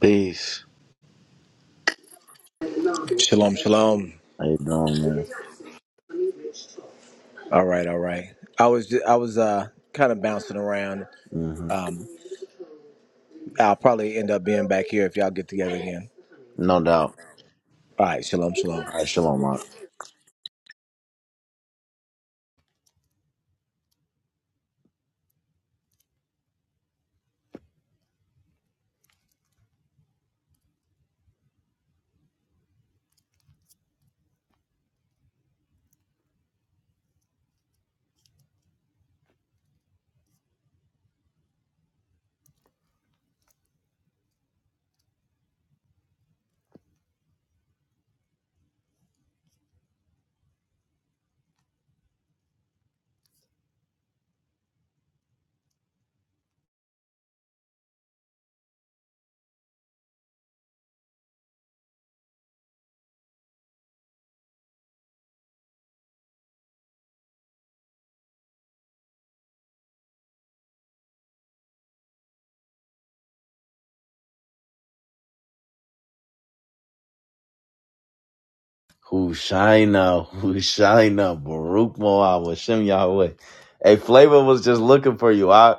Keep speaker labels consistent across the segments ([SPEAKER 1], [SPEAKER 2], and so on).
[SPEAKER 1] Peace.
[SPEAKER 2] Shalom, shalom.
[SPEAKER 1] How you doing, man?
[SPEAKER 2] All right, all right. I was ju- I was uh kind of bouncing around.
[SPEAKER 1] hmm
[SPEAKER 2] Um, I'll probably end up being back here if y'all get together again.
[SPEAKER 1] No doubt.
[SPEAKER 2] All right, shalom, shalom.
[SPEAKER 1] All right, shalom, Mark. Hushaina, Hushaina, Baruch Moab, Hashem Yahweh. Hey, Flavor was just looking for you. I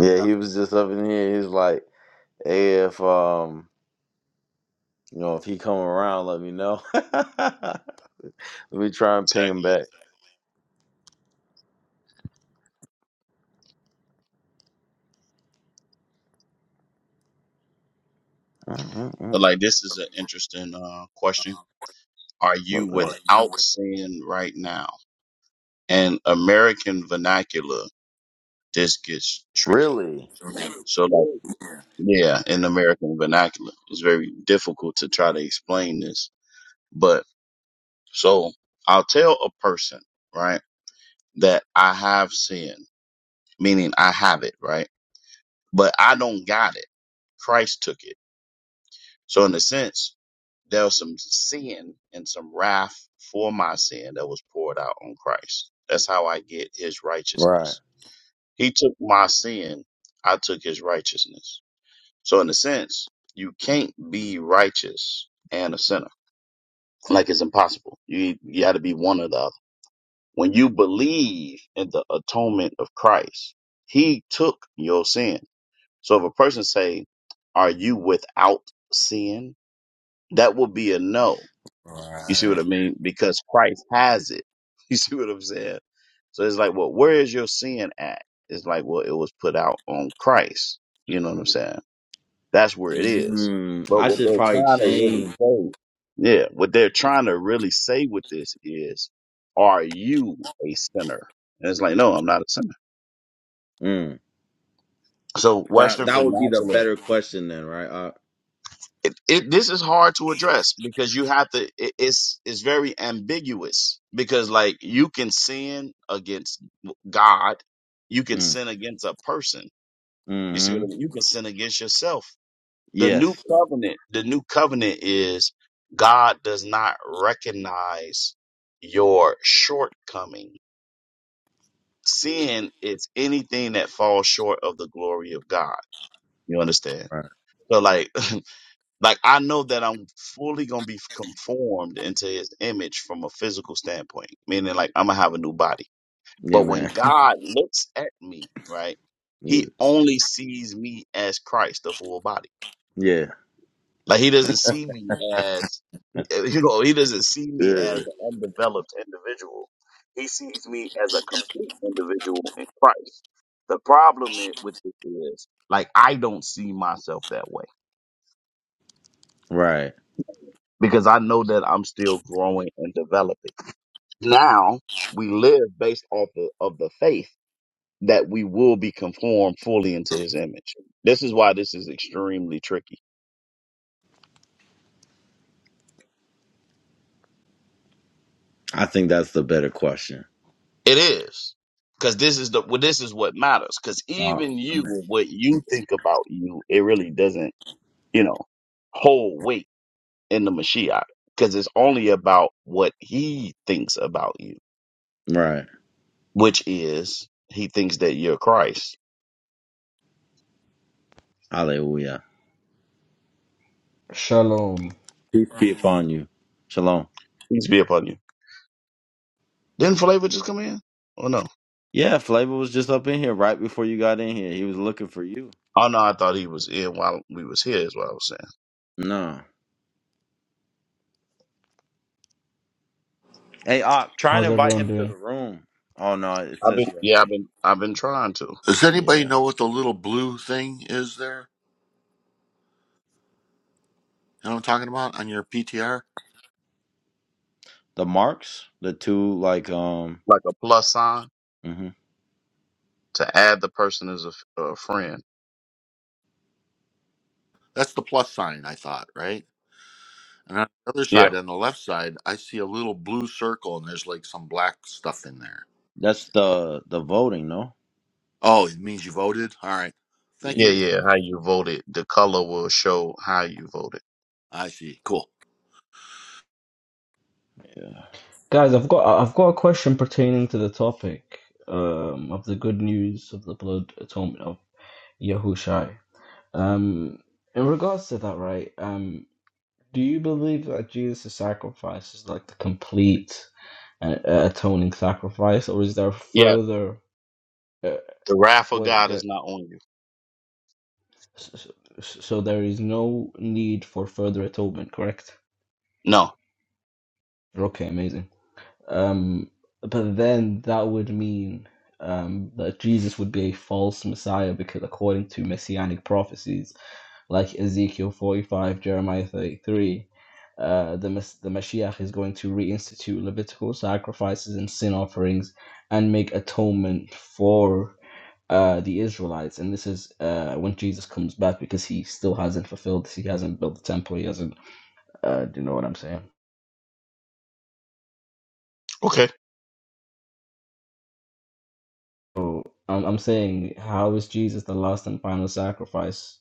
[SPEAKER 1] yeah, he was just up in here. He's like, hey, if um, you know, if he come around, let me know. let me try and ping him
[SPEAKER 3] Exactly.
[SPEAKER 1] back.
[SPEAKER 3] man. But
[SPEAKER 1] Mm-mm-mm.
[SPEAKER 3] like this is an interesting uh, question. Are you
[SPEAKER 1] What the-
[SPEAKER 3] without sin right now? And American vernacular, this gets tricky.
[SPEAKER 1] Really?
[SPEAKER 3] So like yeah, in American vernacular, it's very difficult to try to explain this. But so I'll tell a person, right, that I have sin, meaning I have it, right? But I don't got it. Christ took it. So in a sense, There was some sin and some wrath for my sin that was poured out on Christ. That's how I get his
[SPEAKER 1] Right.
[SPEAKER 3] righteousness. He took my sin, I took his righteousness. So, in a sense, you can't be righteous and a sinner. Like it's impossible. You, you got to be one or the other. When you believe in the atonement of Christ, he took your sin. So if a person say, are you without sin? That would be a no. You see
[SPEAKER 1] Right.
[SPEAKER 3] what I mean? Because Christ has it. You see what I'm saying? So it's like, well, where is your sin at? It's like, well, it was put out on Christ. You know what I'm saying? That's where it is.
[SPEAKER 1] Mm,
[SPEAKER 3] But
[SPEAKER 1] I
[SPEAKER 3] what
[SPEAKER 1] should
[SPEAKER 3] they're
[SPEAKER 1] probably
[SPEAKER 3] trying to really
[SPEAKER 1] change.
[SPEAKER 3] say, yeah, what they're trying to really say with this is, are you a sinner? And it's like, no, I'm not a sinner. So
[SPEAKER 1] That
[SPEAKER 3] Western
[SPEAKER 1] that would be the
[SPEAKER 3] vernacular
[SPEAKER 1] better question then, right? Uh,
[SPEAKER 3] it, it, this is hard to address because you have to it, it's it's very ambiguous because like you can sin against god you can
[SPEAKER 1] mm,
[SPEAKER 3] sin against a person you see what
[SPEAKER 1] hmm
[SPEAKER 3] I mean? you can sin against yourself the new
[SPEAKER 1] Yes.
[SPEAKER 3] covenant the new covenant is god does not recognize your shortcoming sin is anything that falls short of the glory of god you understand
[SPEAKER 1] Right.
[SPEAKER 3] so like Like I know that I'm fully gonna be conformed into his image from a physical standpoint, meaning like I'm gonna have a new body.
[SPEAKER 1] Yeah,
[SPEAKER 3] But
[SPEAKER 1] man.
[SPEAKER 3] when God looks at me, right,
[SPEAKER 1] Yeah.
[SPEAKER 3] he only sees me as Christ, the full body.
[SPEAKER 1] yeah.
[SPEAKER 3] Like he doesn't see me as eh, you know, he doesn't see me
[SPEAKER 1] Yeah.
[SPEAKER 3] as an undeveloped individual. He sees me as a complete individual in Christ. The problem i- with this is like I don't see myself that way
[SPEAKER 1] Right.
[SPEAKER 3] because I know that I'm still growing and developing. Now we live based off of, of the faith that we will be conformed fully into his image. This is why this is extremely tricky.
[SPEAKER 1] I think that's the better question.
[SPEAKER 3] It is. Cause this is the, well, this is what matters. Cause
[SPEAKER 1] Uh,
[SPEAKER 3] even you,
[SPEAKER 1] amen.
[SPEAKER 3] what you think about you, it really doesn't, you know, hold weight in the Mashiach. Cause it's only about what he thinks about you,
[SPEAKER 1] Right.
[SPEAKER 3] which is he thinks that you're Christ.
[SPEAKER 1] Hallelujah.
[SPEAKER 4] Shalom.
[SPEAKER 1] Peace be upon you. Shalom.
[SPEAKER 3] Peace be upon you. Didn't Flavor just come in? Oh no.
[SPEAKER 1] Yeah, Flavor was just up in here right before you got in here. He was looking for you.
[SPEAKER 3] Oh no, I thought he was in while we was here is what I was saying.
[SPEAKER 1] No. Hey, uh, try and
[SPEAKER 4] How's
[SPEAKER 1] invite
[SPEAKER 4] everyone
[SPEAKER 1] him to
[SPEAKER 4] doing?
[SPEAKER 1] the room. Oh no, it
[SPEAKER 3] I've
[SPEAKER 1] says
[SPEAKER 3] been
[SPEAKER 1] you already
[SPEAKER 3] yeah, I've
[SPEAKER 1] came.
[SPEAKER 3] been I've been trying to.
[SPEAKER 5] Does anybody
[SPEAKER 1] Yeah.
[SPEAKER 5] know what the little blue thing is there? You know what I'm talking about on your PTR?
[SPEAKER 1] The marks, the two like um.
[SPEAKER 3] Like a plus sign
[SPEAKER 1] hmm
[SPEAKER 3] to add the person as a, f- a friend.
[SPEAKER 5] That's the plus sign, I thought, right? And on the other
[SPEAKER 3] Yeah.
[SPEAKER 5] side, on the left side, I see a little blue circle and there's like some black stuff in there.
[SPEAKER 1] That's the the voting, no?
[SPEAKER 5] Oh, it means you voted? All right. Thank
[SPEAKER 1] Yeah.
[SPEAKER 3] Yeah,
[SPEAKER 5] you.
[SPEAKER 3] yeah. How you voted. The color will show how you voted.
[SPEAKER 5] I see. Cool.
[SPEAKER 4] Guys, I've got I've got a question pertaining to the topic um, of the good news of the blood atonement of Yahushai. Um, in regards to that, right? Um, do you believe that Jesus' sacrifice is like the complete uh, atoning sacrifice, or is there
[SPEAKER 3] Yeah.
[SPEAKER 4] further? Uh,
[SPEAKER 3] The wrath of
[SPEAKER 4] wait,
[SPEAKER 3] God
[SPEAKER 4] uh,
[SPEAKER 3] is not on you.
[SPEAKER 4] s- s- s- so there is no need for further atonement, correct?
[SPEAKER 3] No.
[SPEAKER 4] Okay, amazing. Um, but then that would mean um, that Jesus would be a false Messiah because, according to messianic prophecies like Ezekiel 45, Jeremiah 33, uh, the, the Mashiach is going to reinstitute Levitical sacrifices and sin offerings and make atonement for uh, the Israelites. And this is uh, when Jesus comes back because he still hasn't fulfilled this. He hasn't built the temple. He hasn't, uh, do you know what I'm saying?
[SPEAKER 3] Okay.
[SPEAKER 4] So I'm, I'm saying, how is Jesus the last and final sacrifice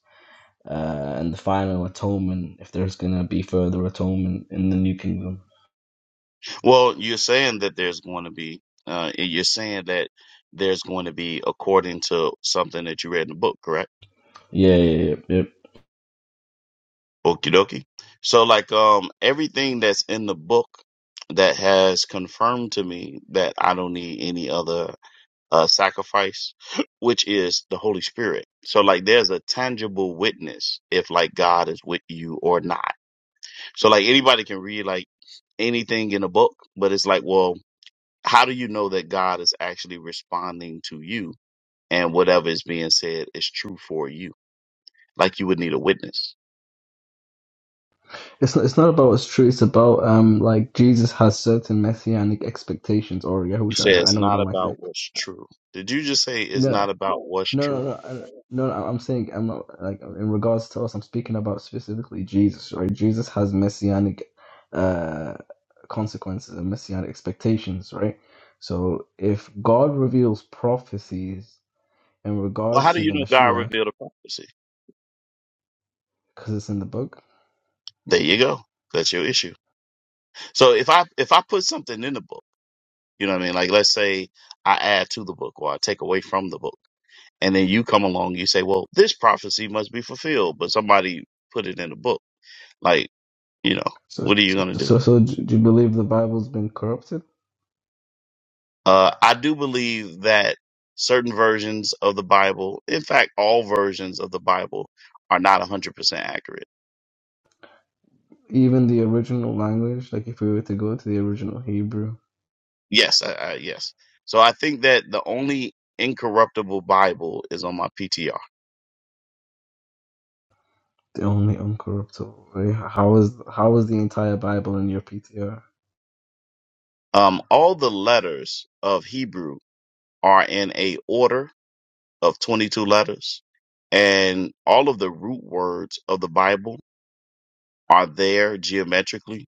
[SPEAKER 4] uh, and the final atonement if there's going to be further atonement in the new kingdom?
[SPEAKER 3] Well, you're saying that there's going to be uh you're saying that there's going to be according to something that you read in the book, correct?
[SPEAKER 4] Yeah, yeah, yeah. yeah.
[SPEAKER 3] Okie dokie. So like um everything that's in the book that has confirmed to me that I don't need any other uh sacrifice, which is the Holy Spirit. So like there's a tangible witness if like God is with you or not. So like anybody can read like anything in a book, but it's like, well, how do you know that God is actually responding to you and whatever is being said is true for you? Like you would need a witness.
[SPEAKER 4] It's not, it's not about what's true. It's about um like Jesus has certain messianic expectations. Or
[SPEAKER 3] You say
[SPEAKER 4] Yahusha, I I
[SPEAKER 3] it's
[SPEAKER 4] know you
[SPEAKER 3] not
[SPEAKER 4] don't like that.
[SPEAKER 3] about what's true. Did you just say it's
[SPEAKER 4] No,
[SPEAKER 3] not about what's true?
[SPEAKER 4] No, no, no, I- no, no. I'm saying I'm not like in regards to us. I'm speaking about specifically Jesus, right? Jesus has messianic uh, consequences and messianic expectations, right? So if God reveals prophecies in
[SPEAKER 3] Well, how
[SPEAKER 4] regards
[SPEAKER 3] do
[SPEAKER 4] to
[SPEAKER 3] you
[SPEAKER 4] the
[SPEAKER 3] know God
[SPEAKER 4] Mashiach,
[SPEAKER 3] revealed a prophecy?
[SPEAKER 4] because it's in the book,
[SPEAKER 3] There you go. That's your issue. So if I if I put something in the book, you know what I mean? Like let's say I add to the book or I take away from the book, and then you come along, you say, Well, this prophecy must be fulfilled, but somebody put it in the book. Like, you know,
[SPEAKER 4] so
[SPEAKER 3] what are you
[SPEAKER 4] so
[SPEAKER 3] gonna do?
[SPEAKER 4] so, so do do you believe the Bible's been corrupted?
[SPEAKER 3] Uh I do believe that certain versions of the Bible, in fact all versions of the Bible are not 100% accurate
[SPEAKER 4] Even the original language, like if we were to go to the original Hebrew,
[SPEAKER 3] Yes, I, I, yes. So I think that the only incorruptible Bible is on my PTR.
[SPEAKER 4] the only uncorruptible way. How is how is the entire Bible in your PTR?
[SPEAKER 3] Um, all the letters of Hebrew are in a order of 22 letters, and all of the root words of the Bible are there geometrically.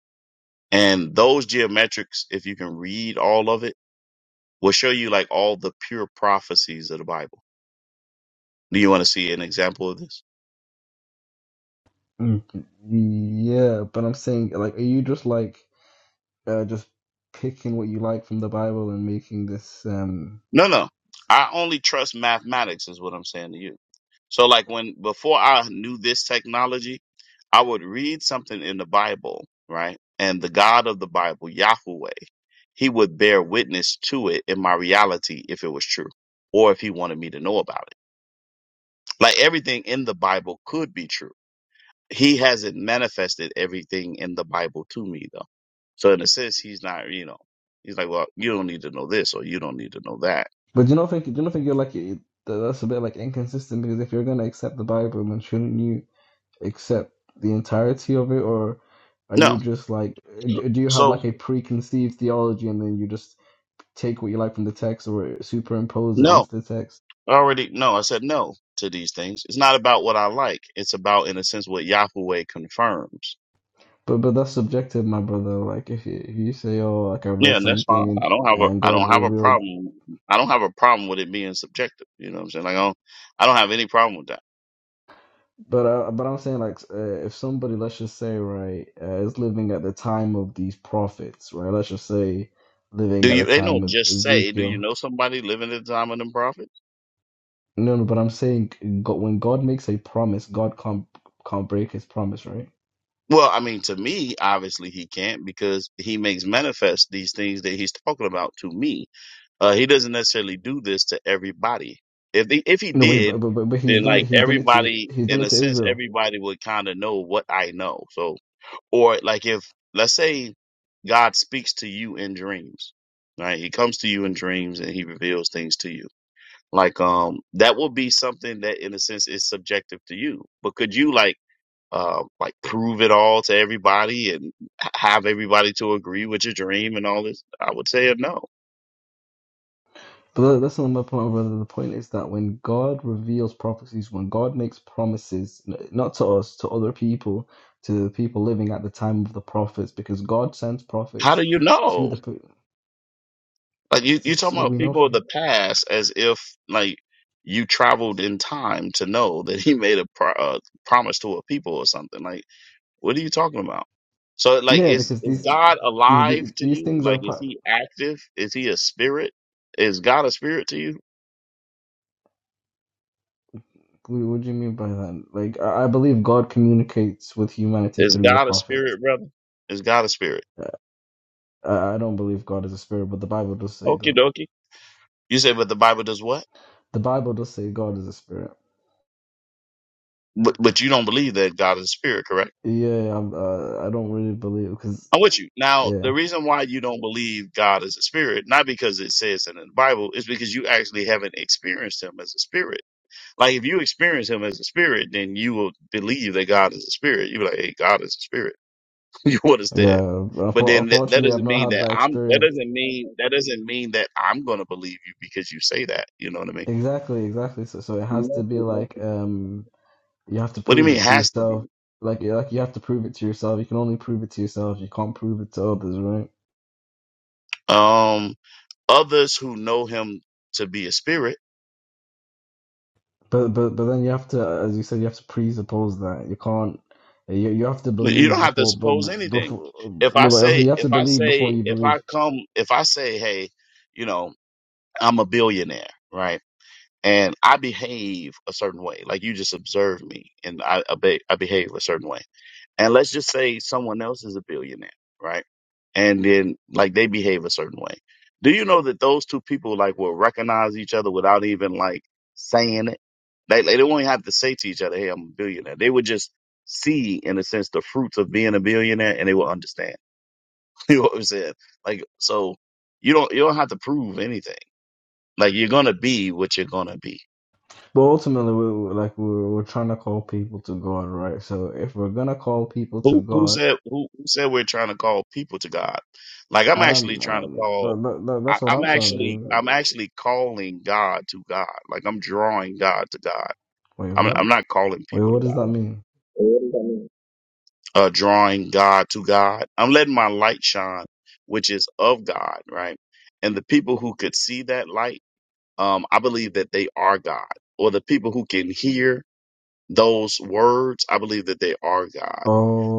[SPEAKER 3] And those geometrics, if you can read all of it, will show you like all the pure prophecies of the Bible. Do you want to see an example of this?
[SPEAKER 4] Mm, Yeah, but I'm saying, like, are you just like uh, just picking what you like from the Bible and making this? um
[SPEAKER 3] No, no. I only trust mathematics, is what I'm saying to you So like when before I knew this technology, I would read something in the Bible, right? And the God of the Bible, Yahweh, he would bear witness to it in my reality if it was true or if he wanted me to know about it. Like everything in the Bible could be true. He hasn't manifested everything in the Bible to me though. So in a sense, he's not, you know, he's like, well, you don't need to know this or you don't need to know that.
[SPEAKER 4] But do you not think do you not think you're like it- that- that's a bit like inconsistent because if you're gonna accept the Bible, then shouldn't you accept the entirety of it, or are you
[SPEAKER 3] No.
[SPEAKER 4] just like d- do you have
[SPEAKER 3] So
[SPEAKER 4] like a preconceived theology and then you just take what you like from the text or superimpose it
[SPEAKER 3] no.
[SPEAKER 4] onto the text?
[SPEAKER 3] already no i said no to these things it's not about what i like it's about in a sense what yahweh confirms
[SPEAKER 4] But but that's subjective, my brother. Like if you, if you say, oh, like I read
[SPEAKER 3] yeah and that's
[SPEAKER 4] something
[SPEAKER 3] fine
[SPEAKER 4] and
[SPEAKER 3] i don't have a
[SPEAKER 4] and
[SPEAKER 3] i
[SPEAKER 4] God
[SPEAKER 3] don't have a
[SPEAKER 4] revealed
[SPEAKER 3] problem i don't have a problem with it being subjective you know what i'm saying like i don't i don't have any problem with that
[SPEAKER 4] But uh, but I'm saying like uh, if somebody let's just say right uh, is living at the time of these prophets right let's just say living
[SPEAKER 3] do
[SPEAKER 4] at
[SPEAKER 3] you
[SPEAKER 4] the
[SPEAKER 3] they
[SPEAKER 4] time
[SPEAKER 3] don't
[SPEAKER 4] of
[SPEAKER 3] just say do you
[SPEAKER 4] Ezekiel
[SPEAKER 3] know somebody living at the time of the prophet
[SPEAKER 4] no no but I'm saying God, when God makes a promise God can't can't break his promise right
[SPEAKER 3] well i mean to me obviously he can't because he makes manifest these things that he's talking about to me Uh, he doesn't necessarily do this to everybody. If the if he
[SPEAKER 4] no wait
[SPEAKER 3] did,
[SPEAKER 4] but, but but but he's
[SPEAKER 3] then
[SPEAKER 4] done
[SPEAKER 3] like
[SPEAKER 4] it he's done it to
[SPEAKER 3] everybody,
[SPEAKER 4] he's
[SPEAKER 3] in
[SPEAKER 4] done
[SPEAKER 3] a
[SPEAKER 4] it to
[SPEAKER 3] sense,
[SPEAKER 4] Israel
[SPEAKER 3] everybody would kind of know what I know. So, or like if let's say God speaks to you in dreams, right? He comes to you in dreams and he reveals things to you. Like um, that would be something that, in a sense, is subjective to you. But could you like uh like prove it all to everybody and h- have everybody to agree with your dream and all this? I would say no.
[SPEAKER 4] But that- that's not my point, brother. The point is that when God reveals prophecies, when God makes promises, n- not to us, to other people, to the people living at the time of the prophets, because God sends
[SPEAKER 3] How do
[SPEAKER 4] prophets
[SPEAKER 3] you
[SPEAKER 4] to
[SPEAKER 3] know?
[SPEAKER 4] the. pe-
[SPEAKER 3] Like you,
[SPEAKER 4] Because
[SPEAKER 3] you
[SPEAKER 4] this is
[SPEAKER 3] talking
[SPEAKER 4] what
[SPEAKER 3] about
[SPEAKER 4] we know
[SPEAKER 3] people of
[SPEAKER 4] from.
[SPEAKER 3] the past as if like you traveled in time to know that he made a pro- uh, promise to a people or something. Like, what are you talking about? So, like,
[SPEAKER 4] Yeah,
[SPEAKER 3] is
[SPEAKER 4] because
[SPEAKER 3] is
[SPEAKER 4] these
[SPEAKER 3] God
[SPEAKER 4] these
[SPEAKER 3] alive
[SPEAKER 4] these,
[SPEAKER 3] to
[SPEAKER 4] these
[SPEAKER 3] you?
[SPEAKER 4] things are
[SPEAKER 3] Like, is
[SPEAKER 4] part.
[SPEAKER 3] he active? Is he a spirit? Is God a spirit to you?
[SPEAKER 4] What what do you mean by that? Like, I I believe God communicates with humanity
[SPEAKER 3] Is
[SPEAKER 4] through the
[SPEAKER 3] God a
[SPEAKER 4] prophets.
[SPEAKER 3] spirit, brother? Is God a spirit?
[SPEAKER 4] Uh, I I don't believe God is a spirit, but the Bible does say
[SPEAKER 3] Okie
[SPEAKER 4] that.
[SPEAKER 3] dokie. You say, but the Bible does what?
[SPEAKER 4] The Bible does say God is a spirit.
[SPEAKER 3] But but you don't believe that God is a spirit, correct?
[SPEAKER 4] Yeah, I'm, uh, I don't really believe because
[SPEAKER 3] I'm with you. Now, the
[SPEAKER 4] Yeah,
[SPEAKER 3] reason why you don't believe God is a spirit, not because it says it in the Bible, is because you actually haven't experienced him as a spirit. Like if you experience him as a spirit, then you will believe that God is a spirit. You're like, hey, God is a spirit. you
[SPEAKER 4] yeah.
[SPEAKER 3] understand? But
[SPEAKER 4] Unfor-
[SPEAKER 3] then that, that
[SPEAKER 4] Unfortunately, I've
[SPEAKER 3] doesn't
[SPEAKER 4] not
[SPEAKER 3] mean
[SPEAKER 4] had
[SPEAKER 3] that
[SPEAKER 4] that
[SPEAKER 3] I'm that
[SPEAKER 4] experience.
[SPEAKER 3] doesn't mean that doesn't mean that I'm gonna believe you because you say that. You know what I
[SPEAKER 4] Exactly, exactly. So, so it has
[SPEAKER 3] mean?
[SPEAKER 4] to be like um, you have to
[SPEAKER 3] What do you
[SPEAKER 4] prove
[SPEAKER 3] mean
[SPEAKER 4] it to
[SPEAKER 3] has to be?
[SPEAKER 4] yourself. Like, you- like you have to prove it to yourself. You can only prove it to yourself. You can't prove it to others, right?
[SPEAKER 3] Um others who know him to be a spirit
[SPEAKER 4] But, but, but then you have to, as you said, you have to presuppose that you can't. You you have to
[SPEAKER 3] Like, You
[SPEAKER 4] believe
[SPEAKER 3] don't have to
[SPEAKER 4] before, b-
[SPEAKER 3] suppose
[SPEAKER 4] b-
[SPEAKER 3] anything.
[SPEAKER 4] before
[SPEAKER 3] If I
[SPEAKER 4] no, but
[SPEAKER 3] say,
[SPEAKER 4] obviously you have to
[SPEAKER 3] if I
[SPEAKER 4] believe before
[SPEAKER 3] say,
[SPEAKER 4] you
[SPEAKER 3] if I
[SPEAKER 4] believe.
[SPEAKER 3] come, if I say, hey, you know, I'm a billionaire, right? And I behave a certain way, like you just observe me, and I, I, be, I behave a certain way and let's just say someone else is a billionaire, right? And then like they behave a certain way. Do you know that those two people like will recognize each other without even like saying it? They like, they don't even have to say to each other, "Hey, I'm a billionaire." They would just see, in a sense, the fruits of being a billionaire, and they will understand. you know what I'm saying? Like so, you don't you don't have to prove anything. Like you're gonna be what you're gonna be.
[SPEAKER 4] But ultimately, we we- like we're, we're trying to call people to God, right? So if we're gonna call people to
[SPEAKER 3] Who who
[SPEAKER 4] God
[SPEAKER 3] said who, who said we're trying to call people to God? Like I'm actually
[SPEAKER 4] I'm
[SPEAKER 3] trying to
[SPEAKER 4] um, that,
[SPEAKER 3] call.
[SPEAKER 4] that, that-
[SPEAKER 3] I,
[SPEAKER 4] that's what
[SPEAKER 3] I'm
[SPEAKER 4] I'm trying to
[SPEAKER 3] actually I'm
[SPEAKER 4] do.
[SPEAKER 3] actually calling God to God. Like I'm drawing God to God.
[SPEAKER 4] Wait,
[SPEAKER 3] I'm
[SPEAKER 4] what?
[SPEAKER 3] I'm not calling
[SPEAKER 4] Wait,
[SPEAKER 3] people to
[SPEAKER 4] what does that mean?
[SPEAKER 3] God. Uh, drawing God to God. I'm letting my light shine, which is of God, right? And the people who could see that light, um, I believe that they are God, or the people who can hear those words, I believe that they are God.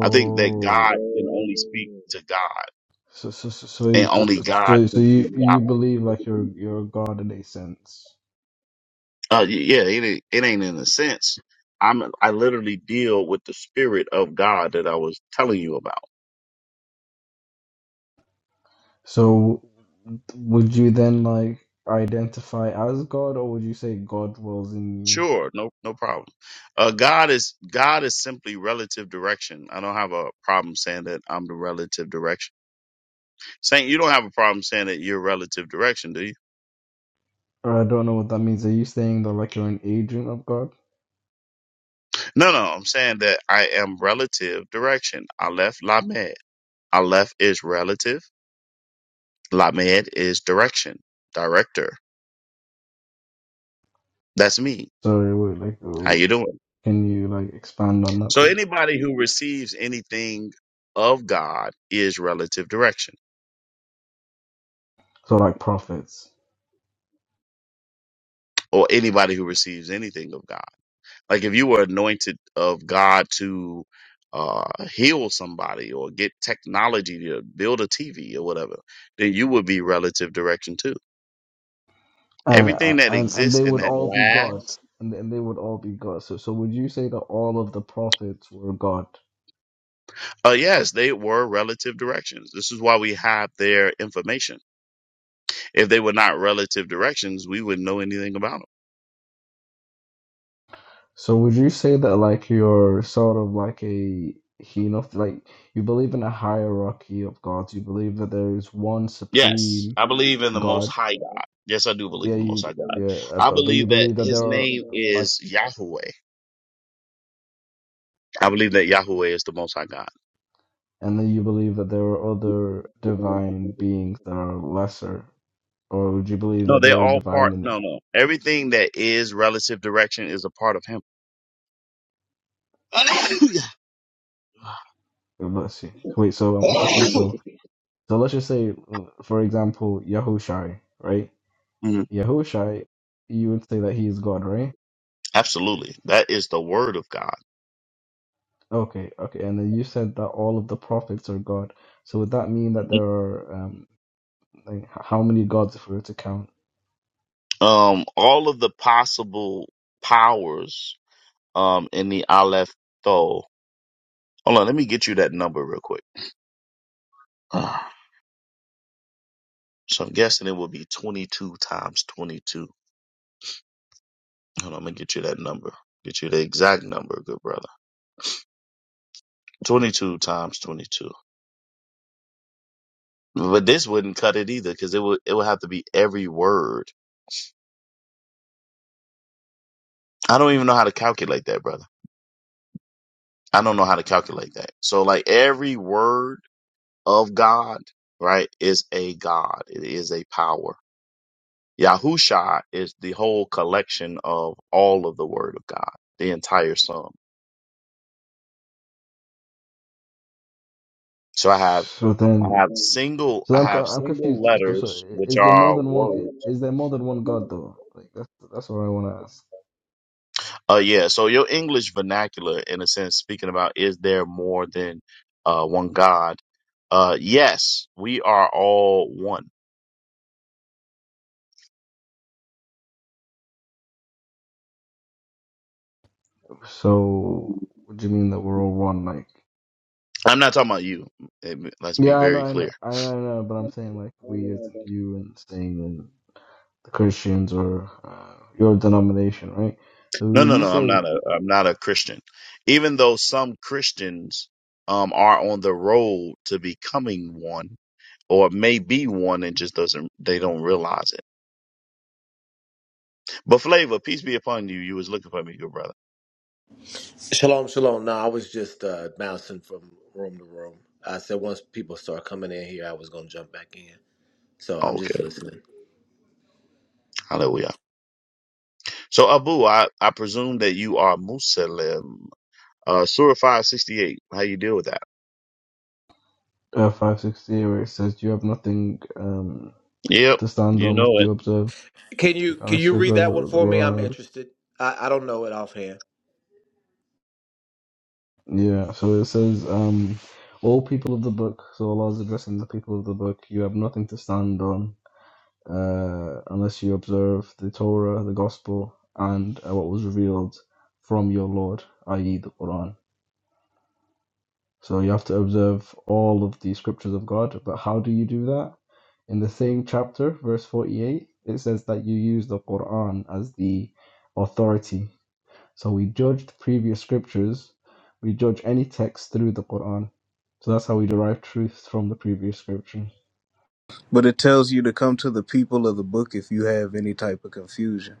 [SPEAKER 3] I think that God can only speak Mm. to God,
[SPEAKER 4] so so so so
[SPEAKER 3] and
[SPEAKER 4] you- so,
[SPEAKER 3] only
[SPEAKER 4] so,
[SPEAKER 3] God
[SPEAKER 4] so so
[SPEAKER 3] can speak
[SPEAKER 4] you
[SPEAKER 3] to
[SPEAKER 4] you
[SPEAKER 3] God.
[SPEAKER 4] believe like you're you're a god in a sense.
[SPEAKER 3] Uh, y- yeah, it ain't, it ain't in a sense. I'm I literally deal with the spirit of God that I was telling you about.
[SPEAKER 4] So would you then like identify as God, or would you say God dwells in you?
[SPEAKER 3] Sure, no no problem. Uh, God is God is simply relative direction. I don't have a problem saying that I'm the relative direction. Saint, you don't have a problem saying that you're relative direction, do you?
[SPEAKER 4] Or I don't know what that means. Are you saying that like you're an agent of God?
[SPEAKER 3] No, no, I'm saying that I am relative direction. Aleph Lamed. Aleph is relative. Lamed is direction, director. That's me.
[SPEAKER 4] Sorry, wait, like,
[SPEAKER 3] How
[SPEAKER 4] oh,
[SPEAKER 3] you doing?
[SPEAKER 4] can you like expand on that,
[SPEAKER 3] So
[SPEAKER 4] please?
[SPEAKER 3] anybody who receives anything of God is relative direction,
[SPEAKER 4] So like prophets.
[SPEAKER 3] or anybody who receives anything of God. Like if you were anointed of God to uh, heal somebody or get technology to build a TV or whatever, then you would be relative direction too. Everything
[SPEAKER 4] and
[SPEAKER 3] that
[SPEAKER 4] and and
[SPEAKER 3] exists
[SPEAKER 4] they
[SPEAKER 3] and
[SPEAKER 4] would
[SPEAKER 3] that
[SPEAKER 4] all be God,
[SPEAKER 3] lasts
[SPEAKER 4] and and they would all be God. So so would you say that all of the prophets were God?
[SPEAKER 3] Uh, yes, they were relative directions. This is why we have their information. If they were not relative directions, we wouldn't know anything about them.
[SPEAKER 4] So would you say that like you're sort of like a you know like you believe in a hierarchy of gods? You believe that there is one
[SPEAKER 3] Yes,
[SPEAKER 4] supreme
[SPEAKER 3] I believe in the Most
[SPEAKER 4] God.
[SPEAKER 3] High God. Yes, I do believe
[SPEAKER 4] Yeah,
[SPEAKER 3] in the Most
[SPEAKER 4] you
[SPEAKER 3] High God.
[SPEAKER 4] yeah, uh,
[SPEAKER 3] I
[SPEAKER 4] but but you
[SPEAKER 3] believe that
[SPEAKER 4] believe that there
[SPEAKER 3] His
[SPEAKER 4] are
[SPEAKER 3] name
[SPEAKER 4] uh, like
[SPEAKER 3] is Yahweh. I believe that Yahweh is the Most High God.
[SPEAKER 4] and then you believe that there are other divine beings that are lesser, or would you believe
[SPEAKER 3] No,
[SPEAKER 4] that
[SPEAKER 3] they're
[SPEAKER 4] there are
[SPEAKER 3] all
[SPEAKER 4] divine
[SPEAKER 3] part.
[SPEAKER 4] in it?
[SPEAKER 3] No, no. Everything that is relative direction is a part of Him.
[SPEAKER 4] Let's see. Wait, so I'm, I'm confused. So. So let's just say, uh, for example, Yahushai, right?
[SPEAKER 3] Mhm.
[SPEAKER 4] Yahushai, you would say that he is God, right?
[SPEAKER 3] Absolutely. That is the Word of God.
[SPEAKER 4] Okay, okay. And then you said that all of the prophets are God. So would that mean that there are um, like h- how many gods if we were to count?
[SPEAKER 3] um, all of the possible powers um, in the Aleph Thoh. Hold on, let me get you that number real quick. Uh, so I'm guessing it would be 22 times 22. Hold on, I'm going to get you that number. Get you the exact number, good brother. 22 times 22. But this wouldn't cut it either because it would, it would have to be every word. I don't even know how to calculate that, brother. I don't know how to calculate that. So, like, every word of God, right, is a God, it is a power Yahusha is the whole collection of all of the word of God, the entire sum. So I have
[SPEAKER 4] So
[SPEAKER 3] I
[SPEAKER 4] then,
[SPEAKER 3] have single
[SPEAKER 4] so
[SPEAKER 3] I
[SPEAKER 4] I'm
[SPEAKER 3] have
[SPEAKER 4] co- I'm
[SPEAKER 3] single
[SPEAKER 4] confused. So, so
[SPEAKER 3] letters
[SPEAKER 4] i-
[SPEAKER 3] which
[SPEAKER 4] is there more
[SPEAKER 3] are
[SPEAKER 4] than one?
[SPEAKER 3] words.
[SPEAKER 4] Is there more than one God though? Like that's that's what I want to ask.
[SPEAKER 3] Uh yeah, so your English vernacular in a sense speaking about is there more than uh one God? Uh yes, we are all one.
[SPEAKER 4] So what do you mean that we're all one? Like
[SPEAKER 3] I'm not talking about you. Eh, Let's be
[SPEAKER 4] yeah, I know,
[SPEAKER 3] very
[SPEAKER 4] I know,
[SPEAKER 3] clear.
[SPEAKER 4] I know, I know. But I'm saying like we isn't you and saying and. The Christians or uh, your denomination, right? So
[SPEAKER 3] No,
[SPEAKER 4] when
[SPEAKER 3] no,
[SPEAKER 4] you
[SPEAKER 3] no. I'm not
[SPEAKER 4] say
[SPEAKER 3] a I'm not a Christian. Even though some Christians um are on the road to becoming one or may be one and just doesn't they don't realize it. But Flavor, peace be upon you. You was looking for me, good brother.
[SPEAKER 2] Shalom, shalom. No, I was just uh bouncing from room to room. I said once people start coming in here, I was gonna jump back in. So I'm
[SPEAKER 3] Okay.
[SPEAKER 2] just listening.
[SPEAKER 3] Hallelujah. So Abu, I, I presume that you are Muslim. Uh Surah five sixty eight. How you deal with that?
[SPEAKER 4] uh, 560, where it says you have nothing um,
[SPEAKER 3] Yep.
[SPEAKER 4] to stand on
[SPEAKER 3] You
[SPEAKER 4] unless
[SPEAKER 3] know it.
[SPEAKER 4] you observe,
[SPEAKER 2] Can you can
[SPEAKER 4] unless
[SPEAKER 2] you
[SPEAKER 4] you
[SPEAKER 2] read
[SPEAKER 4] observe
[SPEAKER 2] that one
[SPEAKER 4] the
[SPEAKER 2] for me? I'm
[SPEAKER 4] law.
[SPEAKER 2] interested. I, I don't know it offhand.
[SPEAKER 4] Yeah, so it says, um, all people of the book, so Allah is addressing the people of the book, you have nothing to stand on uh, unless you observe the Torah, the Gospel, and uh, what was revealed from your Lord, i.e., the Quran. So you have to observe all of the scriptures of God. But how do you do that? In the same chapter, verse 48, it says that you use the Quran as the authority. So we judge the previous scriptures, we judge any text through the Quran. So that's how we derive truth from the previous scripture.
[SPEAKER 6] But it tells you to come to the people of the book if you have any type of confusion.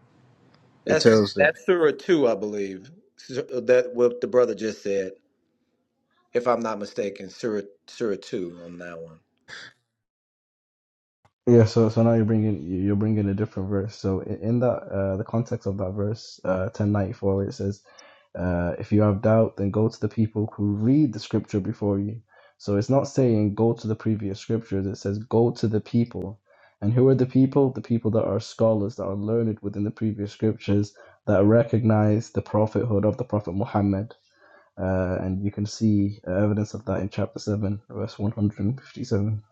[SPEAKER 6] It
[SPEAKER 2] That's
[SPEAKER 6] tells that.
[SPEAKER 2] that's Surah two, I believe. Sur- That what the brother just said. if I'm not mistaken, Surah, Surah 2 on that one.
[SPEAKER 4] Yeah, so so now you're bringing you- are bringing a different verse. So i- in that uh, the context of that verse uh, ten ninety four, where it says, uh, "If you have doubt, then go to the people who read the scripture before you." So it's not saying go to the previous scriptures. It says go to the people, and who are the people? The people that are scholars that are learned within the previous scriptures that recognize the prophethood of the prophet Muhammad. Uh, and you can see evidence of that in chapter seven, verse one hundred and fifty seven.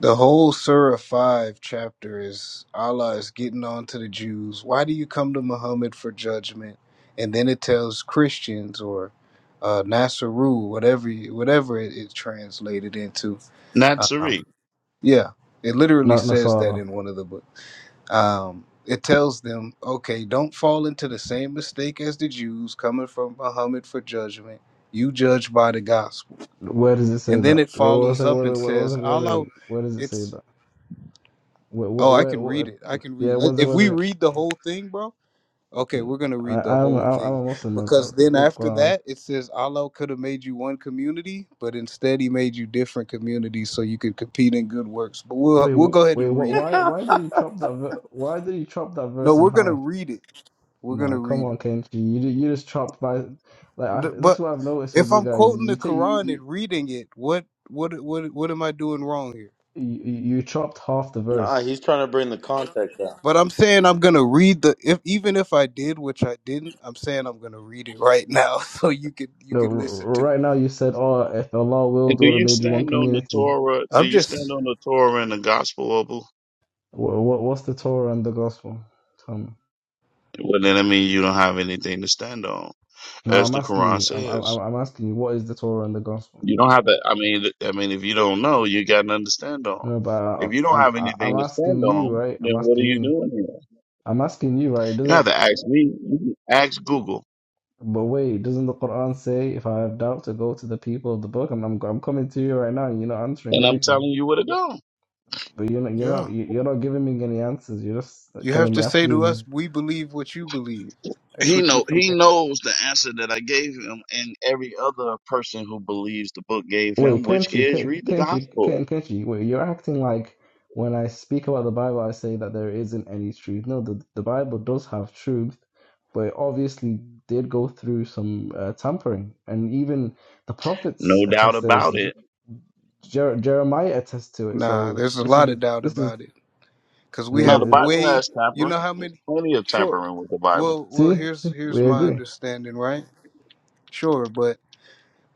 [SPEAKER 6] The whole Surah 5 chapter is Allah is getting on to the Jews. Why do you come to Muhammad for judgment? And then it tells Christians or uh, Nasaru, whatever whatever it, it translated into.
[SPEAKER 3] Not Suri.
[SPEAKER 6] Um, yeah, it literally
[SPEAKER 4] Not
[SPEAKER 6] says
[SPEAKER 4] Nasara.
[SPEAKER 6] that in one of the books. um, it tells them, okay, don't fall into the same mistake as the Jews coming from Muhammad for judgment. You judge by the gospel.
[SPEAKER 4] Where does it say
[SPEAKER 6] And then
[SPEAKER 4] that?
[SPEAKER 6] it
[SPEAKER 4] Wait, one
[SPEAKER 6] follows
[SPEAKER 4] second,
[SPEAKER 6] up
[SPEAKER 4] one
[SPEAKER 6] and
[SPEAKER 4] second, one
[SPEAKER 6] says,
[SPEAKER 4] second, one
[SPEAKER 6] Allah,
[SPEAKER 4] second. Where does it say
[SPEAKER 6] it's,
[SPEAKER 4] that? Where, where,
[SPEAKER 6] oh, I
[SPEAKER 4] where,
[SPEAKER 6] can read
[SPEAKER 4] where?
[SPEAKER 6] it. I can read.
[SPEAKER 4] Yeah,
[SPEAKER 6] Let,
[SPEAKER 4] one second,
[SPEAKER 6] if
[SPEAKER 4] one
[SPEAKER 6] we
[SPEAKER 4] second.
[SPEAKER 6] read the whole thing, bro, okay, we're going to
[SPEAKER 4] I,
[SPEAKER 6] read the
[SPEAKER 4] I'm,
[SPEAKER 6] whole
[SPEAKER 4] I'm, I'm
[SPEAKER 6] thing.
[SPEAKER 4] a Muslim. I, I
[SPEAKER 6] Because
[SPEAKER 4] I
[SPEAKER 6] then
[SPEAKER 4] read the
[SPEAKER 6] after
[SPEAKER 4] Quran.
[SPEAKER 6] that, it says, Allah could have made you one community, but instead he made you different communities so you could compete in good works. But we'll,
[SPEAKER 4] Wait,
[SPEAKER 6] we'll
[SPEAKER 4] w-
[SPEAKER 6] go ahead
[SPEAKER 4] wait,
[SPEAKER 6] and
[SPEAKER 4] what?
[SPEAKER 6] read it.
[SPEAKER 4] Why, why did he chop that? Ver- why did he chop that
[SPEAKER 6] No,
[SPEAKER 4] verse
[SPEAKER 6] we're
[SPEAKER 4] in
[SPEAKER 6] going to
[SPEAKER 4] half?
[SPEAKER 6] read it. We're going to
[SPEAKER 4] Nah, come
[SPEAKER 6] read it.
[SPEAKER 4] on, Kenji. You, ju- you just chopped by, like, I,
[SPEAKER 6] Th-
[SPEAKER 4] this is
[SPEAKER 6] But
[SPEAKER 4] what I've noticed with
[SPEAKER 6] if
[SPEAKER 4] you
[SPEAKER 6] I'm
[SPEAKER 4] guys.
[SPEAKER 6] quoting the
[SPEAKER 4] You take, you,
[SPEAKER 6] Quran
[SPEAKER 4] you,
[SPEAKER 6] and reading it, what what what what am I doing wrong here?
[SPEAKER 4] you, you chopped half the
[SPEAKER 1] Nah,
[SPEAKER 4] verse.
[SPEAKER 1] he's trying to bring the context out.
[SPEAKER 6] But I'm saying I'm gonna read the if even if I did, which I didn't, I'm saying I'm gonna read it right now so you could you
[SPEAKER 4] No, r-
[SPEAKER 6] could listen
[SPEAKER 4] r-
[SPEAKER 6] to it.
[SPEAKER 4] right now you said, oh, if Allah
[SPEAKER 3] And
[SPEAKER 4] willed,
[SPEAKER 3] do
[SPEAKER 4] would have
[SPEAKER 3] you
[SPEAKER 4] made you one
[SPEAKER 3] stand on the
[SPEAKER 4] community.
[SPEAKER 3] Torah? Do
[SPEAKER 6] I'm
[SPEAKER 3] you stand
[SPEAKER 6] just
[SPEAKER 3] on the Torah and the gospel, Abu?
[SPEAKER 4] What, what, what's the Torah and the gospel? Tell me.
[SPEAKER 3] Well, then I mean you don't have anything to stand on,
[SPEAKER 4] No,
[SPEAKER 3] as
[SPEAKER 4] I'm
[SPEAKER 3] the Quran
[SPEAKER 4] asking you. I'm,
[SPEAKER 3] says.
[SPEAKER 4] I'm, I'm asking you. What is the Torah and the gospel?
[SPEAKER 3] You don't have that. I mean, th- I mean, if you don't know, you got nothing to stand on.
[SPEAKER 4] No, but I,
[SPEAKER 3] If you don't
[SPEAKER 4] I'm,
[SPEAKER 3] have
[SPEAKER 4] I-
[SPEAKER 3] anything
[SPEAKER 4] I'm
[SPEAKER 3] to stand
[SPEAKER 4] asking you,
[SPEAKER 3] on,
[SPEAKER 4] right?
[SPEAKER 3] then
[SPEAKER 4] I'm
[SPEAKER 3] what are
[SPEAKER 4] asking
[SPEAKER 3] you
[SPEAKER 4] you.
[SPEAKER 3] doing here?
[SPEAKER 4] I'm asking you, right? It
[SPEAKER 3] You don't have
[SPEAKER 4] doesn't.
[SPEAKER 3] to ask me. You can ask Google,
[SPEAKER 4] But wait, doesn't the Quran say, "If I have doubt, to go to the people of the book"? And I'm, I'm coming to you right now, and you're not answering
[SPEAKER 3] and I'm
[SPEAKER 4] anything.
[SPEAKER 3] telling you what it do
[SPEAKER 4] But you're not, you're
[SPEAKER 6] yeah.
[SPEAKER 4] not, you're not giving me any answers. You're just
[SPEAKER 6] You have
[SPEAKER 4] telling me
[SPEAKER 6] to
[SPEAKER 4] I have to.
[SPEAKER 6] say to us,
[SPEAKER 4] do.
[SPEAKER 6] we believe what you believe. That's
[SPEAKER 3] He
[SPEAKER 6] what you
[SPEAKER 3] know he
[SPEAKER 6] command.
[SPEAKER 3] knows the answer that I gave him, and every other person who believes the book gave him,
[SPEAKER 4] Wait,
[SPEAKER 3] which
[SPEAKER 4] can't you?
[SPEAKER 3] is
[SPEAKER 4] Can't you? you?
[SPEAKER 3] read the
[SPEAKER 4] Can't
[SPEAKER 3] gospel.
[SPEAKER 4] can't you? wait, you're acting like when I speak about the Bible, I say that there isn't any truth. No, the, the Bible does have truth, but it obviously did go through some uh, tampering. And even the prophets
[SPEAKER 3] No doubt
[SPEAKER 4] attest to this.
[SPEAKER 3] about
[SPEAKER 4] Je-
[SPEAKER 3] it.
[SPEAKER 4] Jer- Jeremiah attests to it.
[SPEAKER 6] Nah,
[SPEAKER 4] So
[SPEAKER 6] there's a
[SPEAKER 4] this is
[SPEAKER 6] lot of
[SPEAKER 4] the,
[SPEAKER 6] doubt
[SPEAKER 4] this is
[SPEAKER 6] about it because we
[SPEAKER 4] the,
[SPEAKER 3] Now
[SPEAKER 6] have
[SPEAKER 3] the
[SPEAKER 4] the,
[SPEAKER 3] Bible
[SPEAKER 6] way.
[SPEAKER 3] has
[SPEAKER 6] You
[SPEAKER 3] tampering.
[SPEAKER 6] know how
[SPEAKER 3] There's
[SPEAKER 6] many?
[SPEAKER 3] plenty of
[SPEAKER 6] Sure.
[SPEAKER 3] tampering with the Bible.
[SPEAKER 6] Well, well.
[SPEAKER 4] see,
[SPEAKER 6] Here's
[SPEAKER 4] see,
[SPEAKER 6] here's
[SPEAKER 4] we
[SPEAKER 6] my
[SPEAKER 4] agree.
[SPEAKER 6] understanding, right? Sure, but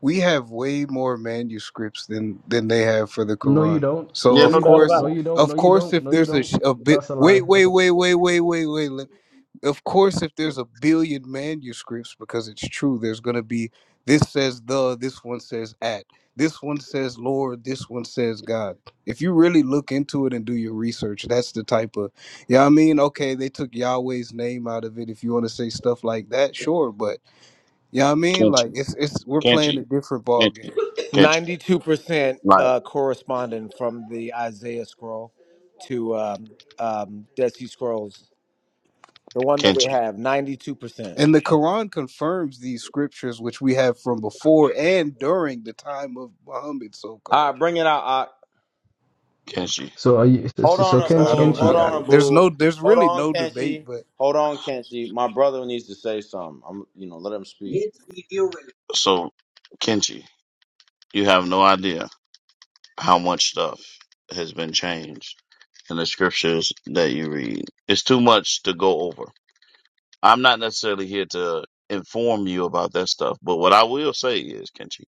[SPEAKER 6] we have way more manuscripts than than they have for the
[SPEAKER 4] No, you
[SPEAKER 6] Quran.
[SPEAKER 4] don't.
[SPEAKER 6] So
[SPEAKER 3] Yeah,
[SPEAKER 4] No,
[SPEAKER 6] of
[SPEAKER 3] no
[SPEAKER 4] you
[SPEAKER 3] doubt
[SPEAKER 4] don't.
[SPEAKER 3] about
[SPEAKER 6] course,
[SPEAKER 4] No, you don't. No,
[SPEAKER 6] of
[SPEAKER 4] you
[SPEAKER 6] course,
[SPEAKER 4] don't.
[SPEAKER 6] if
[SPEAKER 4] No, you
[SPEAKER 6] there's a,
[SPEAKER 4] don't.
[SPEAKER 6] sh- a bit,
[SPEAKER 4] That's a lie.
[SPEAKER 6] wait,
[SPEAKER 4] That's
[SPEAKER 6] wait,
[SPEAKER 4] a...
[SPEAKER 6] wait, wait, wait, wait, wait. let- Of course, if
[SPEAKER 3] it.
[SPEAKER 6] there's a billion manuscripts, because it's true, there's gonna be this says the, this one says at, this one says Lord, this one says God. If you really look into it and do your research, that's the type of, yeah, I mean, okay, they took Yahweh's name out of it. If you want to say stuff like that, sure, but you know what I mean?
[SPEAKER 3] Can't
[SPEAKER 6] Like
[SPEAKER 3] you?
[SPEAKER 6] it's it's we're
[SPEAKER 3] Can't
[SPEAKER 6] playing a
[SPEAKER 3] you?
[SPEAKER 6] different ball
[SPEAKER 3] Can't you?
[SPEAKER 6] game.
[SPEAKER 3] Can't you?
[SPEAKER 2] 92%
[SPEAKER 3] Like,
[SPEAKER 2] uh, corresponding from the Isaiah scroll to um, um, Dead Sea Scrolls, the one that
[SPEAKER 3] can't
[SPEAKER 2] we
[SPEAKER 3] you?
[SPEAKER 2] have, 92%.
[SPEAKER 6] And the Quran confirms these scriptures which we have from before and during the time of Muhammad so
[SPEAKER 1] All
[SPEAKER 6] called.
[SPEAKER 1] right, bring it out. All right.
[SPEAKER 3] Can't you?
[SPEAKER 4] So are you? So,
[SPEAKER 1] Hold
[SPEAKER 4] so
[SPEAKER 1] on,
[SPEAKER 4] so
[SPEAKER 6] So
[SPEAKER 1] Abu.
[SPEAKER 6] I
[SPEAKER 4] Kenchi,
[SPEAKER 6] don't
[SPEAKER 1] Hold
[SPEAKER 4] Kenchi.
[SPEAKER 6] I, I,
[SPEAKER 1] on,
[SPEAKER 6] there's
[SPEAKER 1] Abu.
[SPEAKER 6] no there's
[SPEAKER 1] Hold
[SPEAKER 6] really
[SPEAKER 1] on,
[SPEAKER 6] no debate
[SPEAKER 1] Kenshi.
[SPEAKER 6] but
[SPEAKER 1] Hold on, Kenshi. My brother needs to say something. I'm, you know, let him speak.
[SPEAKER 3] So, Kenchi, you have no idea how much stuff has been changed in the scriptures that you read. It's too much to go over. I'm not necessarily here to inform you about that stuff, but what I will say is, Kenchi,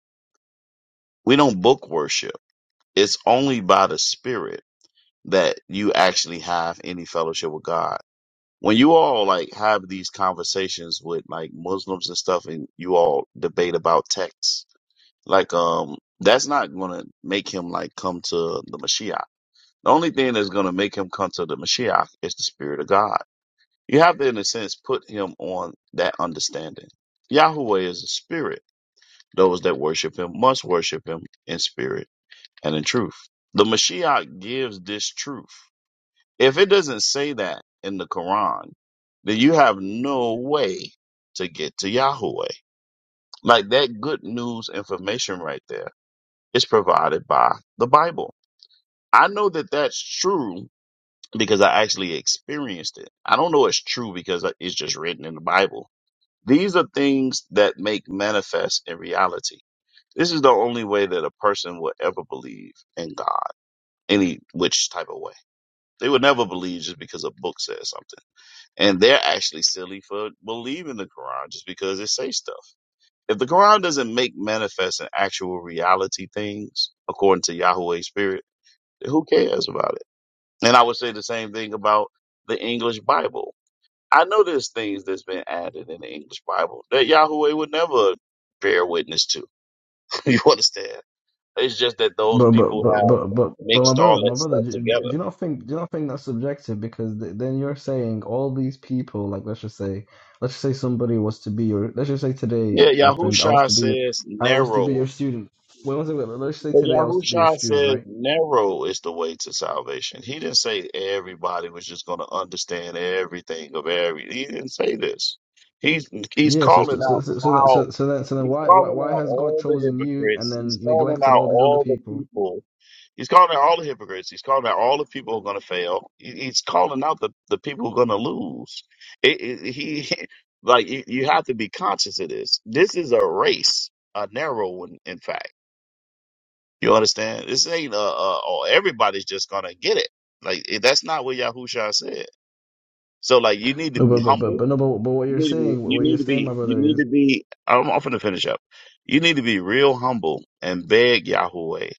[SPEAKER 3] we don't book worship. It's only by the Spirit that you actually have any fellowship with God. when you all like have these conversations with like Muslims and stuff and you all debate about texts, like um that's not gonna make him like come to the Mashiach. The only thing that's gonna make him come to the Mashiach is the Spirit of God. You have to in a sense put him on that understanding. Yahweh is a spirit. Those that worship him must worship him in spirit and in truth. The Mashiach gives this truth. If it doesn't say that in the Quran, then you have no way to get to Yahweh. Like that good news information right there is provided by the Bible. I know that that's true because I actually experienced it. I don't know it's true because it's just written in the Bible. These are things that make manifest in reality. This is the only way that a person would ever believe in God, any which type of way. They would never believe just because a book says something. and they're actually silly for believing the Quran just because it says stuff. If the Quran doesn't make manifest and actual reality things according to Yahweh's spirit, then who cares about it? And I would say the same thing about the English Bible. I know there's things that's been added in the English Bible that Yahweh would never bear witness to. you understand? It's just that those
[SPEAKER 4] But but
[SPEAKER 3] people
[SPEAKER 4] but but
[SPEAKER 3] have
[SPEAKER 4] but but my
[SPEAKER 3] mixed all
[SPEAKER 4] brother,
[SPEAKER 3] that
[SPEAKER 4] my brother,
[SPEAKER 3] stuff
[SPEAKER 4] do, do do
[SPEAKER 3] together.
[SPEAKER 4] you not think do you not think that's subjective? Because th then you're saying all these people, like let's just say, let's just say somebody was to be your, let's just say
[SPEAKER 3] Yeah,
[SPEAKER 4] today, my friend, I was
[SPEAKER 3] Yahushua
[SPEAKER 4] to be your,
[SPEAKER 3] says
[SPEAKER 4] I was to be
[SPEAKER 3] narrow.
[SPEAKER 4] your student. Wait one second, let's just say
[SPEAKER 3] But
[SPEAKER 4] today I was to be your
[SPEAKER 3] Yahusha
[SPEAKER 4] student,
[SPEAKER 3] says
[SPEAKER 4] right?
[SPEAKER 3] narrow is the way to salvation. He didn't say everybody was just going to understand everything of every. He didn't say this. He's he's
[SPEAKER 4] Yeah. So
[SPEAKER 3] calling
[SPEAKER 4] so so
[SPEAKER 3] out
[SPEAKER 4] so so that,
[SPEAKER 3] how
[SPEAKER 4] so, so then so then
[SPEAKER 3] he's
[SPEAKER 4] why why
[SPEAKER 3] calling
[SPEAKER 4] why
[SPEAKER 3] out
[SPEAKER 4] has God
[SPEAKER 3] all the
[SPEAKER 4] chosen you and
[SPEAKER 3] hypocrites. He's
[SPEAKER 4] then
[SPEAKER 3] calling
[SPEAKER 4] neglected
[SPEAKER 3] out
[SPEAKER 4] all these other
[SPEAKER 3] all the
[SPEAKER 4] people?
[SPEAKER 3] people. He's calling out all the hypocrites. He's calling out all the people who are going to fail. He- He's calling out the the people who are going to lose. It, it, he like you, you have to be conscious of this. This is a race, a narrow one, in fact. You understand? This ain't uh, uh oh, everybody's just gonna get it. Like it- that's not what Yahusha said. So like you need to
[SPEAKER 4] No,
[SPEAKER 3] be
[SPEAKER 4] but but but,
[SPEAKER 3] humble.
[SPEAKER 4] but no, but, but what
[SPEAKER 3] You
[SPEAKER 4] you're
[SPEAKER 3] need to be.
[SPEAKER 4] saying,
[SPEAKER 3] You
[SPEAKER 4] what
[SPEAKER 3] need
[SPEAKER 4] you're
[SPEAKER 3] to
[SPEAKER 4] saying, my
[SPEAKER 3] be. You need
[SPEAKER 4] brother,
[SPEAKER 3] to be. I'm, I'm finna finish up. You need to be real humble and beg Yahweh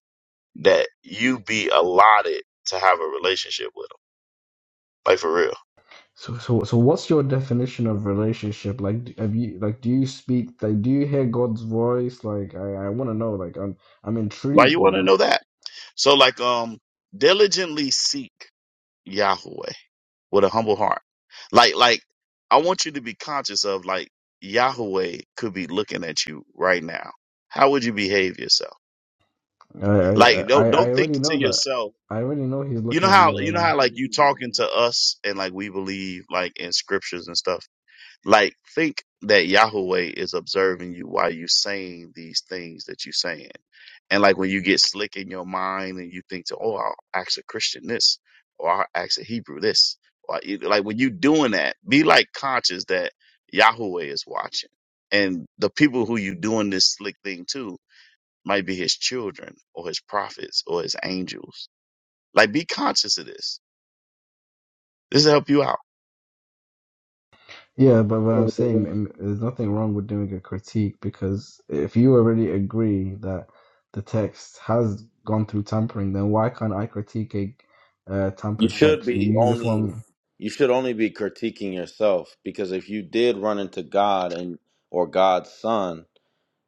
[SPEAKER 3] that you be allotted to have a relationship with Him. Like for real.
[SPEAKER 4] So, so, so, what's your definition of relationship? Like, d- have you like, do you speak like, do you hear God's voice? Like, I, I want to know. Like, I'm, I'm
[SPEAKER 3] Why
[SPEAKER 4] intrigued
[SPEAKER 3] you want to
[SPEAKER 4] now.
[SPEAKER 3] know that? So like um, diligently seek Yahweh. with a humble heart. Like, like I want you to be conscious of like Yahweh could be looking at you right now. How would you behave yourself?
[SPEAKER 4] I, I,
[SPEAKER 3] Like,
[SPEAKER 4] I
[SPEAKER 3] don't
[SPEAKER 4] I
[SPEAKER 3] don't think
[SPEAKER 4] already
[SPEAKER 3] to
[SPEAKER 4] know that.
[SPEAKER 3] yourself.
[SPEAKER 4] I already know He's
[SPEAKER 3] You know
[SPEAKER 4] looking at me
[SPEAKER 3] how
[SPEAKER 4] right
[SPEAKER 3] you know
[SPEAKER 4] now.
[SPEAKER 3] how like you talking to us and like we believe like in scriptures and stuff. Like, think that Yahweh is observing you while you saying these things that you saying. And like when you get slick in your mind and you think to, oh, I'll ask a Christian this, or I'll ask a Hebrew this, or I- like when you doing that, be like conscious that Yahweh is watching, and the people who you doing this slick thing to might be His children or His prophets or His angels. Like, be conscious of this. This will help you out.
[SPEAKER 4] Yeah, but what I'm saying, um, there's nothing wrong with doing a critique because if you already agree that the text has gone through tampering, then why can't I critique a uh,
[SPEAKER 1] You
[SPEAKER 4] tampered
[SPEAKER 1] should
[SPEAKER 4] text? You,
[SPEAKER 1] be
[SPEAKER 4] you just want
[SPEAKER 1] only.
[SPEAKER 4] me.
[SPEAKER 1] You should only be critiquing yourself because if you did run into God and or God's Son,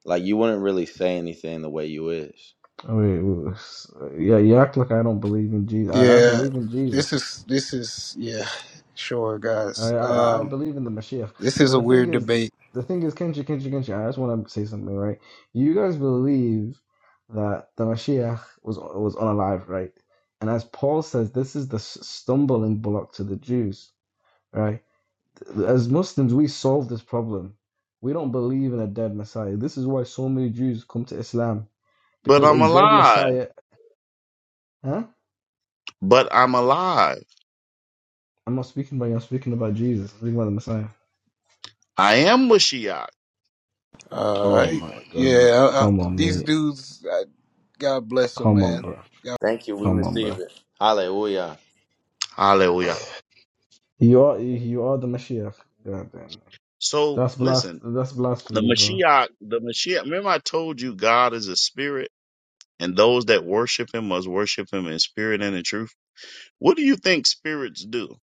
[SPEAKER 1] like you wouldn't really say anything the way you is.
[SPEAKER 4] I mean, it's- yeah, you act like I don't believe in Jesus. I, I
[SPEAKER 6] yeah,
[SPEAKER 4] believe in Jesus.
[SPEAKER 6] this is this is yeah, sure
[SPEAKER 4] I,
[SPEAKER 6] guys.
[SPEAKER 4] I I I
[SPEAKER 6] Um
[SPEAKER 4] believe in the Mashiach.
[SPEAKER 6] this is
[SPEAKER 4] But
[SPEAKER 6] a
[SPEAKER 4] the thing
[SPEAKER 6] weird
[SPEAKER 4] is,
[SPEAKER 6] debate.
[SPEAKER 4] the thing is, Kenshi, Kenshi, Kenshi. I just want to say something, right? You guys believe that the Mashiach was was unalive, right? And as Paul says, this is the s- stumbling block to the Jews, right? As Muslims, we solve this problem. We don't believe in a dead Messiah. This is why so many Jews come to Islam
[SPEAKER 3] But
[SPEAKER 4] because a
[SPEAKER 3] I'm
[SPEAKER 4] dead
[SPEAKER 3] alive.
[SPEAKER 4] Messiah, huh?
[SPEAKER 3] But I'm alive.
[SPEAKER 4] I'm not speaking about you. I'm speaking about Jesus. I'm speaking about the Messiah.
[SPEAKER 3] I am Mashiach.
[SPEAKER 6] All
[SPEAKER 4] Oh
[SPEAKER 6] right.
[SPEAKER 4] my goodness!
[SPEAKER 6] Yeah, I, I,
[SPEAKER 4] Come on,
[SPEAKER 6] these
[SPEAKER 4] mate.
[SPEAKER 6] dudes I, God bless them,
[SPEAKER 4] Come on,
[SPEAKER 6] man.
[SPEAKER 4] bro.
[SPEAKER 1] Thank you. We
[SPEAKER 4] Come on,
[SPEAKER 1] receive
[SPEAKER 4] bro.
[SPEAKER 1] it. Hallelujah.
[SPEAKER 3] Hallelujah.
[SPEAKER 4] You are you are the Mashiach. God damn. it.
[SPEAKER 3] So
[SPEAKER 4] That's blast.
[SPEAKER 3] listen,
[SPEAKER 4] That's
[SPEAKER 3] the
[SPEAKER 4] blasphemy, bro.
[SPEAKER 3] Mashiach, the Mashiach, remember I told you God is a spirit and those that worship him must worship him in spirit and in truth. What do you think spirits do?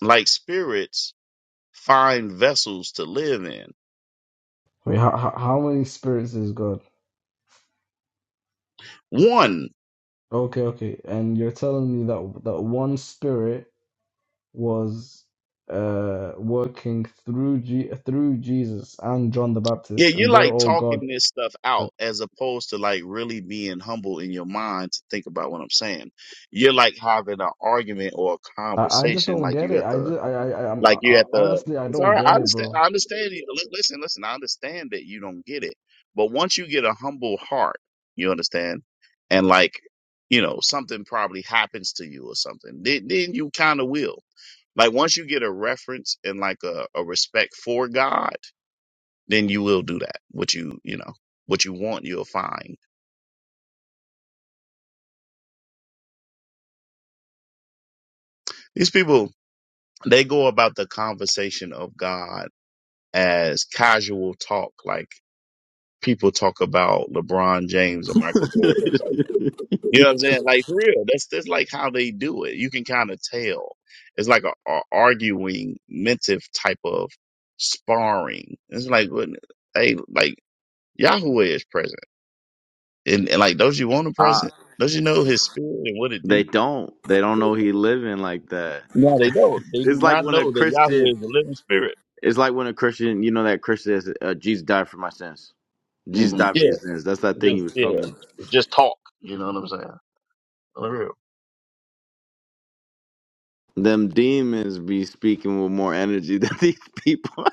[SPEAKER 3] Like spirits find vessels to live in.
[SPEAKER 4] Wait, how how how many spirits is God?
[SPEAKER 3] One,
[SPEAKER 4] Okay, okay. And you're telling me that that one spirit was uh working through G- through Jesus and John the
[SPEAKER 3] yeah,
[SPEAKER 4] Baptist, and
[SPEAKER 3] you're
[SPEAKER 4] they're
[SPEAKER 3] like
[SPEAKER 4] all God.
[SPEAKER 3] talking this stuff out as opposed to like really being humble in your mind to think about what I'm saying. You're like having an argument or a
[SPEAKER 4] I, I just
[SPEAKER 3] conversation
[SPEAKER 4] don't
[SPEAKER 3] like
[SPEAKER 4] get
[SPEAKER 3] you
[SPEAKER 4] it.
[SPEAKER 3] at
[SPEAKER 4] I
[SPEAKER 3] the
[SPEAKER 4] just I I, I, I'm,
[SPEAKER 3] Like
[SPEAKER 4] I
[SPEAKER 3] you
[SPEAKER 4] I-
[SPEAKER 3] at the
[SPEAKER 4] honestly I
[SPEAKER 3] it's all
[SPEAKER 4] don't
[SPEAKER 3] right. I
[SPEAKER 4] get it,
[SPEAKER 3] understand.
[SPEAKER 4] bro.
[SPEAKER 3] I understand. You. Li- Listen, listen. I understand that you don't get it, but once you get a humble heart, you understand, and like you know something probably happens to you or something, then, then you kind of will. Like once you get a reference and like a, a respect for God, then you will do that. What you you know what you want, you'll find. These people they go about the conversation of God as casual talk, like. people talk about LeBron James and Michael Jordan. It's like, you know what I'm saying? Like for real, that's that's like how they do it. You can kind of tell. It's like a, a arguing, mentive type of sparring. It's like, when- hey, like Yahweh is present, and, and like, don't you want him
[SPEAKER 1] I,
[SPEAKER 3] present? Don't you know his spirit and what it
[SPEAKER 1] They
[SPEAKER 3] do?
[SPEAKER 1] don't. They don't know he living like that.
[SPEAKER 3] No, they don't. They do
[SPEAKER 1] It's like
[SPEAKER 3] not
[SPEAKER 1] when a
[SPEAKER 3] know that Yahweh
[SPEAKER 1] Christian.
[SPEAKER 3] is a living spirit.
[SPEAKER 1] It's like when a Christian. You know that Christian says, uh, "Jesus died for my sins. Jesus
[SPEAKER 3] hmm
[SPEAKER 1] died for your
[SPEAKER 3] Yeah,
[SPEAKER 1] sins." That's that thing he
[SPEAKER 3] just
[SPEAKER 1] was talking
[SPEAKER 3] yeah,
[SPEAKER 1] about.
[SPEAKER 3] just talk. You know what I'm saying? For real.
[SPEAKER 1] Them demons be speaking with more energy than these people.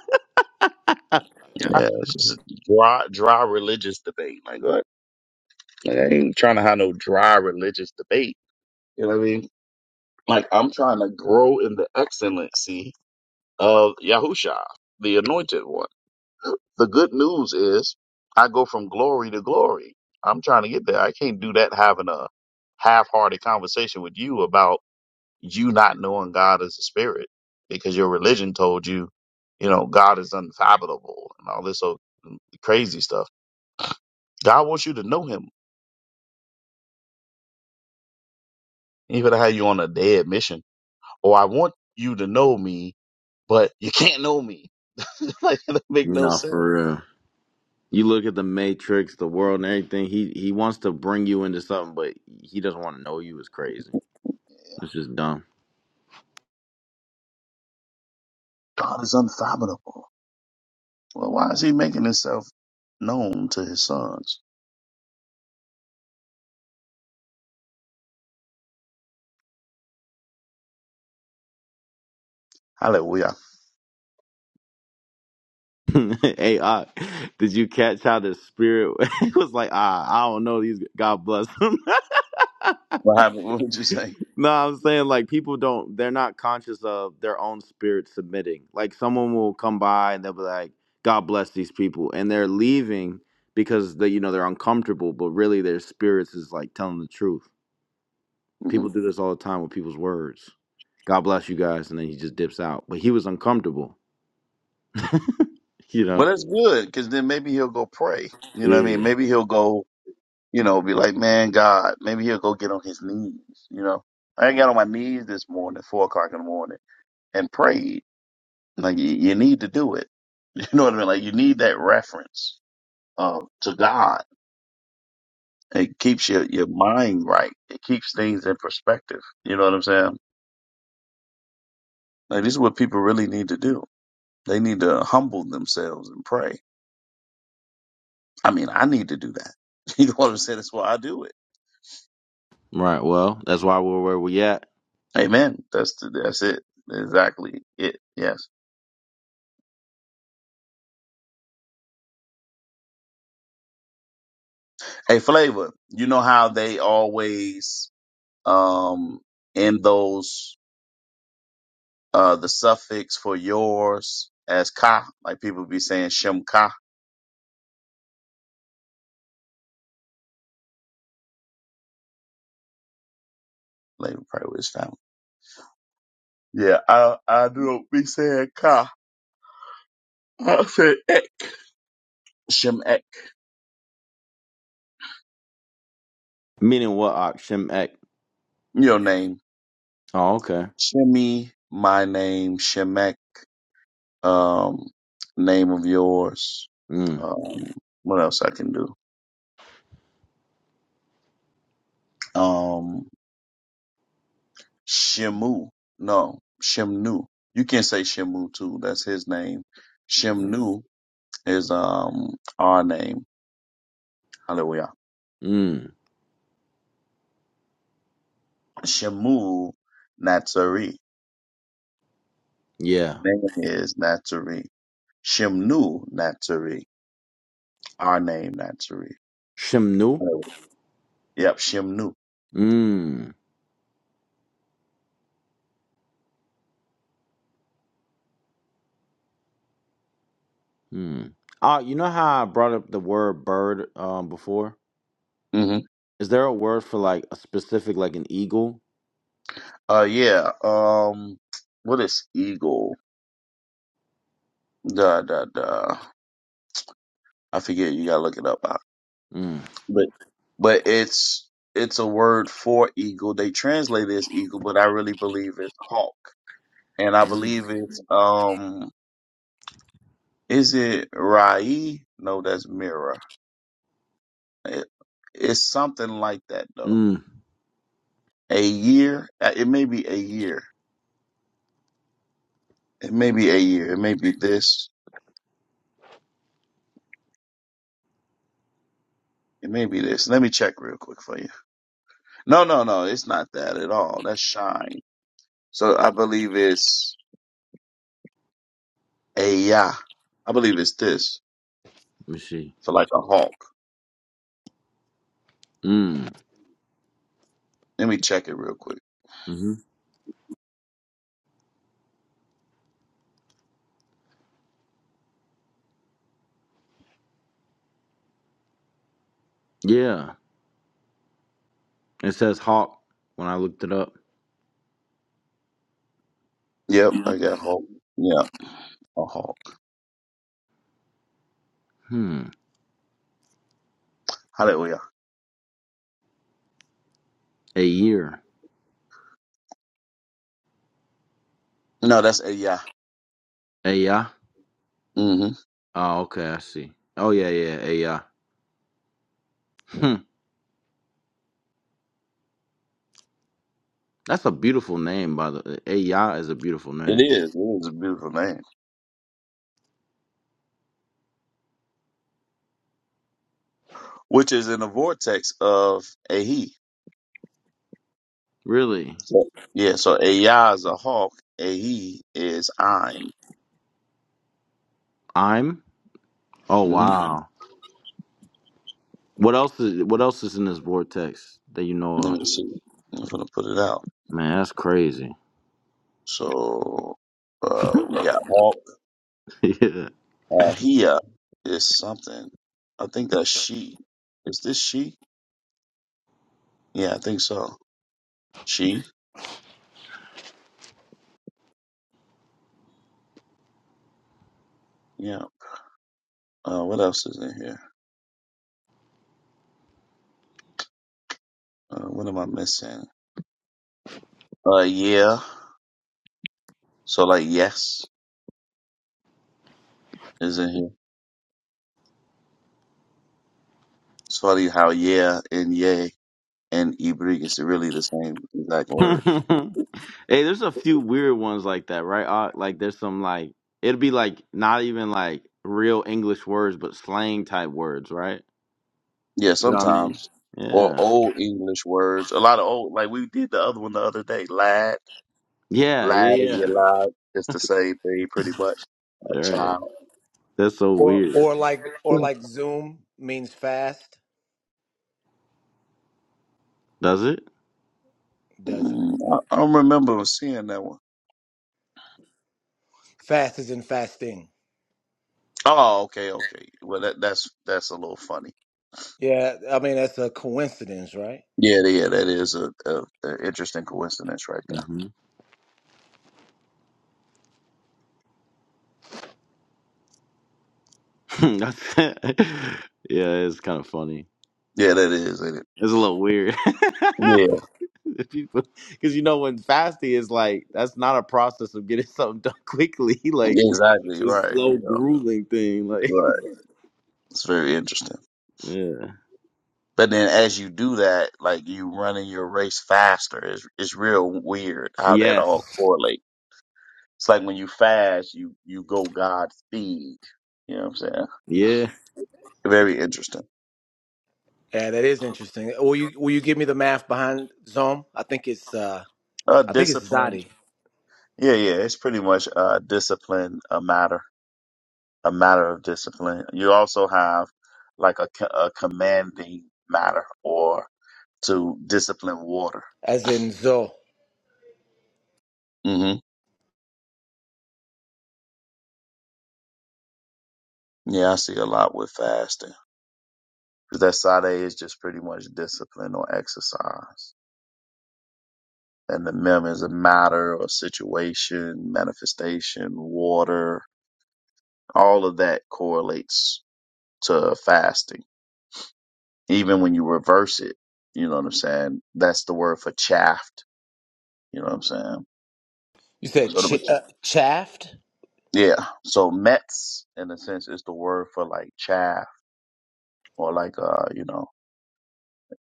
[SPEAKER 1] yeah.
[SPEAKER 3] Yeah, it's just a dry, dry religious debate. Like, what? Like, I ain't trying to have no dry religious debate. You know what I mean? Like, I'm trying to grow in the excellency of Yahusha, the anointed one. The good news is I go from glory to glory. I'm trying to get there. I can't do that having a half-hearted conversation with you about you not knowing God as a spirit because your religion told you, you know, God is unfathomable and all this old crazy stuff God wants you to know him. He could have you on a dead mission. Or I want you to know me, but you can't know me. like that make no
[SPEAKER 1] No,
[SPEAKER 3] sense.
[SPEAKER 1] for real. You look at the Matrix, the world, and everything. He he wants to bring you into something, but he doesn't want to know you is crazy. It's just dumb.
[SPEAKER 3] God is unfathomable. Well, why is he making himself known to his sons? Hallelujah.
[SPEAKER 1] hey, uh, did you catch how the spirit was like, ah, I don't know these. God bless them.
[SPEAKER 3] What happened? What did you say?
[SPEAKER 1] no, I'm saying like people don't. They're not conscious of their own spirit submitting. Like someone will come by and they'll be like, God bless these people, and they're leaving because they, you know, they're uncomfortable. But really, their spirits is like telling the truth.
[SPEAKER 3] Mhm.
[SPEAKER 1] People do this all the time with people's words. God bless you guys, and then he just dips out. But he was uncomfortable, you know.
[SPEAKER 3] Well, that's good, because then maybe he'll go pray. You know what I mean?
[SPEAKER 1] Yeah.
[SPEAKER 3] Maybe he'll go, you know, be like, man, God. Maybe he'll go get on his knees. You know, I got on my knees this morning, four o'clock in the morning, and prayed. Like you, you need to do it. You know what I mean? Like you need that reference um, to God. It keeps your, your mind right. It keeps things in perspective. You know what I'm saying? Like this is what people really need to do. They need to humble themselves and pray. I mean, I need to do that. You know what I'm saying? That's why I do it.
[SPEAKER 1] Right. Well, that's why we're where we at.
[SPEAKER 3] Amen. That's the, that's it. Exactly it. Yes. Hey, Flavor. You know how they always um end those uh the suffix for yours as ka, like people be saying shem ka Labour Party with his family. Yeah, I I do not be saying ka. I say ek. Shem ek.
[SPEAKER 1] Meaning what? Ak Shem Ek.
[SPEAKER 3] Your name.
[SPEAKER 1] Oh, okay.
[SPEAKER 3] Shimmy, my name, Shemek, um, name of yours.
[SPEAKER 1] Mm.
[SPEAKER 3] Um, what else I can do? Um, Shemu. No, Shemnu. You can say Shemu too. That's his name. Shemnu is, um, our name. Hallelujah.
[SPEAKER 1] Mm.
[SPEAKER 3] Shemu Natsari.
[SPEAKER 1] Yeah.
[SPEAKER 3] name is Natsari. Shimnu Natsari. Our name Natsari.
[SPEAKER 1] Shem Nu.
[SPEAKER 3] Oh, Yep, Shimnu.
[SPEAKER 1] Mm. Mm. Ah, you know how I brought up the word bird um before?
[SPEAKER 3] hmm
[SPEAKER 1] Is there a word for like a specific like an eagle?
[SPEAKER 3] Uh, yeah. Um, what is eagle? Da da da. I forget. You gotta look it up. Out.
[SPEAKER 1] Mm.
[SPEAKER 3] But but it's it's a word for eagle. They translate it as eagle, but I really believe it's hawk. And I
[SPEAKER 1] Mm.
[SPEAKER 3] believe it's um, is it Rai? No, that's Mira. It, it's something like that though.
[SPEAKER 1] Mm.
[SPEAKER 3] a year. Uh, It may be a year. It may be a year. It may be this. It may be this. Let me check real quick for you. No, no, no. It's not that at all. That's shine. So I believe it's a yeah. I believe it's this
[SPEAKER 1] Let me see.
[SPEAKER 3] for like a hawk.
[SPEAKER 1] Mm.
[SPEAKER 3] Let me check it real quick.
[SPEAKER 1] Mm-hmm. Yeah. It says hawk when I looked it up.
[SPEAKER 3] Yep, I got hawk. Yeah, a hawk.
[SPEAKER 1] Hmm.
[SPEAKER 3] Hallelujah.
[SPEAKER 1] A year.
[SPEAKER 3] No, that's a yeah.
[SPEAKER 1] A ya.
[SPEAKER 3] hmm
[SPEAKER 1] Oh, okay. I see. Oh yeah, yeah. A ya. Hmm. That's a beautiful name, by the. way. A ya is a beautiful
[SPEAKER 3] It
[SPEAKER 1] name.
[SPEAKER 3] is. It is a beautiful name, which is in the vortex of a he.
[SPEAKER 1] Really.
[SPEAKER 3] So, yeah. So a yeah is a hawk. A he is I.
[SPEAKER 1] I'm. Oh Yeah.
[SPEAKER 3] hmm
[SPEAKER 1] wow. What else is What else is in this vortex that you know
[SPEAKER 3] Let
[SPEAKER 1] of?
[SPEAKER 3] me see. I'm gonna put it out.
[SPEAKER 1] Man, that's crazy.
[SPEAKER 3] So uh, we got all
[SPEAKER 1] yeah.
[SPEAKER 3] uh, Hia is something. I think that's she. Is this she? Yeah, I think so. She. Yeah. Uh, what else is in here? Uh, what am I missing? Uh, yeah. So like yes is in here. It's funny how yeah and yay and ibrik is really the same exact word.
[SPEAKER 1] hey, there's a few weird ones like that, right? Uh, like there's some like it'll be like not even like real English words, but slang type words, right?
[SPEAKER 3] Yeah,
[SPEAKER 1] You know what I mean?
[SPEAKER 3] sometimes or
[SPEAKER 1] Yeah.
[SPEAKER 3] old English words. A lot of old like we did the other one the other day. Lad.
[SPEAKER 1] Yeah.
[SPEAKER 3] Lied and you
[SPEAKER 1] Yeah.
[SPEAKER 3] lied. It's the same thing, pretty much. A
[SPEAKER 1] Yeah. All right.
[SPEAKER 3] child.
[SPEAKER 1] That's so
[SPEAKER 2] Or,
[SPEAKER 1] weird.
[SPEAKER 2] or like, or like Zoom means fast,
[SPEAKER 1] Does it?
[SPEAKER 2] does it?
[SPEAKER 3] Mm, I, I don't remember seeing that one.
[SPEAKER 2] Fast is in fasting.
[SPEAKER 3] Oh, okay, okay. Well, that, that's that's a little funny.
[SPEAKER 2] Yeah, I mean that's a coincidence, right?
[SPEAKER 3] Yeah, yeah, that is a, a, a interesting coincidence right there.
[SPEAKER 1] hmm That's yeah. It's kind of funny.
[SPEAKER 3] Yeah, that is. isn't It?
[SPEAKER 1] It's a little weird.
[SPEAKER 3] Yeah,
[SPEAKER 1] people, because you know when fasting is like that's not a process of getting something done quickly. Like it's
[SPEAKER 3] exactly.
[SPEAKER 1] a
[SPEAKER 3] Right.
[SPEAKER 1] slow,
[SPEAKER 3] You know.
[SPEAKER 1] grueling thing. Like
[SPEAKER 3] Right. It's very interesting.
[SPEAKER 1] yeah,
[SPEAKER 3] But then, as you do that, like you running your race faster, it's it's real weird how that all
[SPEAKER 1] yes,
[SPEAKER 3] correlates. It's like when you fast, you you go God speed. You know what I'm saying?
[SPEAKER 1] yeah.
[SPEAKER 3] Very interesting.
[SPEAKER 2] Yeah, that is interesting. Will you will you give me the math behind Zom? I think it's uh
[SPEAKER 3] Uh,
[SPEAKER 2] I think it's
[SPEAKER 3] discipline.
[SPEAKER 2] Zadi,
[SPEAKER 3] Yeah, yeah. It's pretty much uh discipline a matter, a matter of discipline. You also have like a, co- a commanding matter or to discipline water.
[SPEAKER 2] as in Zo.
[SPEAKER 3] hmm Yeah, I see a lot with fasting. 'Cause That side is just pretty much discipline or exercise. And the mem is a matter or situation, manifestation, water, all of that correlates to fasting. Even when you reverse it, you know what I'm saying? That's the word for chaffed. You know what I'm saying?
[SPEAKER 2] You said
[SPEAKER 3] So
[SPEAKER 2] ch-
[SPEAKER 3] the
[SPEAKER 2] uh, chaffed.
[SPEAKER 3] yeah. So Mets in a sense is the word for like chaff or like uh, you know,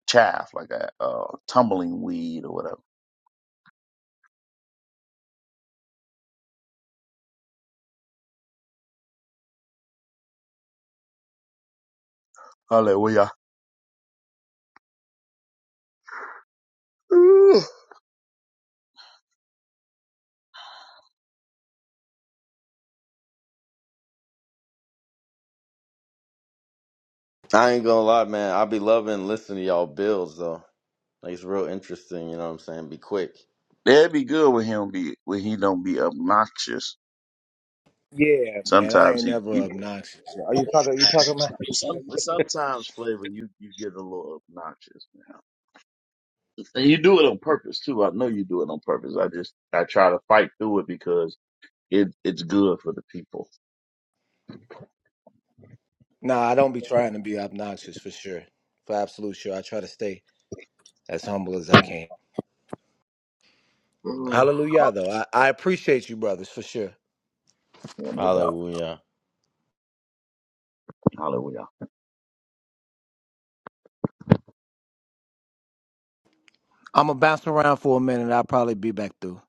[SPEAKER 3] chaff, like a uh tumbling weed or whatever. Hallelujah. Ooh.
[SPEAKER 1] I ain't gonna lie, man. I be loving listening to y'all builds though. Like it's real interesting. You know what I'm saying? Be quick.
[SPEAKER 3] That'd be good with him be when he don't be obnoxious.
[SPEAKER 2] Yeah, man, I
[SPEAKER 3] Sometimes
[SPEAKER 2] ain't
[SPEAKER 3] he,
[SPEAKER 2] never
[SPEAKER 3] he
[SPEAKER 2] obnoxious. Are you talking? you talking about?
[SPEAKER 3] some, sometimes flavor you you get a little obnoxious, man. And you do it on purpose too. I know you do it on purpose. I just I try to fight through it because it it's good for the people.
[SPEAKER 2] Nah, I don't be trying to be obnoxious for sure, for absolute sure. I try to stay as humble as I can.
[SPEAKER 3] Ooh.
[SPEAKER 2] Hallelujah, though. I, I appreciate you, brothers, for sure.
[SPEAKER 3] Yeah, no doubt.
[SPEAKER 1] Hallelujah.
[SPEAKER 3] Hallelujah.
[SPEAKER 2] I'm gonna bounce around for a minute. I'll probably be back through.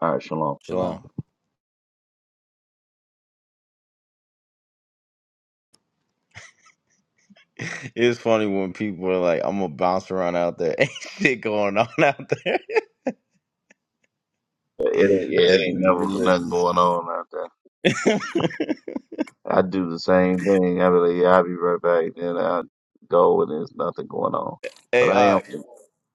[SPEAKER 3] All right, shalom.
[SPEAKER 1] Shalom.
[SPEAKER 2] Shalom.
[SPEAKER 1] It's funny when people are like, "I'm gonna bounce around out there." Ain't shit going on out there.
[SPEAKER 3] It ain't, yeah, it
[SPEAKER 1] like
[SPEAKER 3] ain't never
[SPEAKER 1] religion.
[SPEAKER 3] nothing going on out there. I do the same thing. I be like, yeah, I'll be right back. Then I go and there's nothing going on. But
[SPEAKER 1] hey,
[SPEAKER 3] I
[SPEAKER 1] uh,
[SPEAKER 3] am,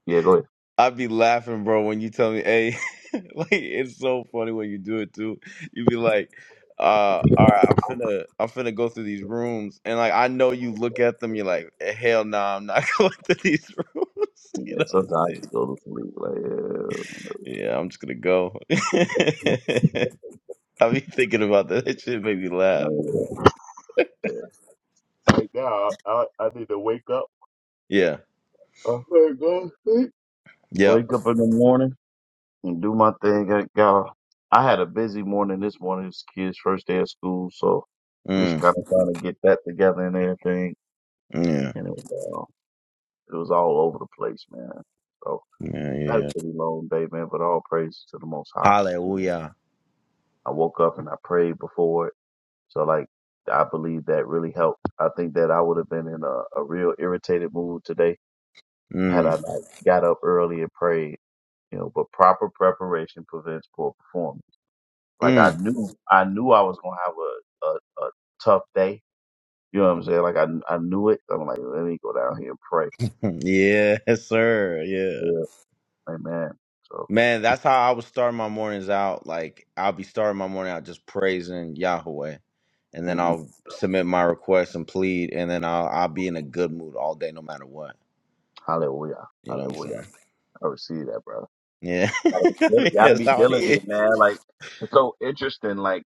[SPEAKER 3] yeah, go ahead.
[SPEAKER 1] I be laughing, bro, when you tell me, hey, like it's so funny when you do it too. You be like, uh, all right, I'm finna I'm finna go through these rooms. And like I know you look at them, you're like, "Eh, hell no, I'm not going through these rooms.
[SPEAKER 3] Yeah,
[SPEAKER 1] You know what I'm
[SPEAKER 3] sometimes
[SPEAKER 1] saying?
[SPEAKER 3] you go to sleep like, yeah,
[SPEAKER 1] Yeah, I'm just gonna go. I be thinking about that. That shit made me
[SPEAKER 3] I
[SPEAKER 1] laugh.
[SPEAKER 3] mean, yeah. Right now, I, I need to wake up.
[SPEAKER 1] Yeah.
[SPEAKER 3] Oh, my God.
[SPEAKER 1] Yep.
[SPEAKER 3] Wake up in the morning. and do my thing. I got I had a busy morning this morning. It's kids' first day of school, so we just
[SPEAKER 1] Mm.
[SPEAKER 3] kind of trying to get that together and everything.
[SPEAKER 1] Yeah.
[SPEAKER 3] And it was uh, it was all over the place, man. So
[SPEAKER 1] Yeah,
[SPEAKER 3] I had
[SPEAKER 1] yeah.
[SPEAKER 3] a pretty long day, man. But all praise to the Most High. You know,
[SPEAKER 1] Hallelujah.
[SPEAKER 3] I woke up and I prayed before it, so like I believe that really helped. I think that I would have been in a, a real irritated mood today had I
[SPEAKER 1] Mm.
[SPEAKER 3] not got up early and prayed. You know, but proper preparation prevents poor performance. Like I
[SPEAKER 1] Mm.
[SPEAKER 3] knew, I knew I was gonna have a, a, a tough day. You know what I'm saying? Like I, I knew it. I'm like, let me go down here and pray.
[SPEAKER 1] Yes, sir. Yeah.
[SPEAKER 3] Yeah, amen. So,
[SPEAKER 1] Man, that's how I would start my mornings out. Like I'll be starting my morning out just praising Yahweh, and then
[SPEAKER 3] hmm
[SPEAKER 1] I'll submit my request and plead, and then I'll I'll be in a good mood all day, no matter what.
[SPEAKER 3] hallelujah,
[SPEAKER 1] You know what I'm
[SPEAKER 3] hallelujah.
[SPEAKER 1] saying?
[SPEAKER 3] I receive that, brother.
[SPEAKER 1] Yeah,
[SPEAKER 3] Gotta be,
[SPEAKER 1] I
[SPEAKER 3] dil-
[SPEAKER 1] mean,
[SPEAKER 3] gotta
[SPEAKER 1] that's
[SPEAKER 3] be
[SPEAKER 1] how it is.
[SPEAKER 3] diligent, man. Like it's so interesting. Like,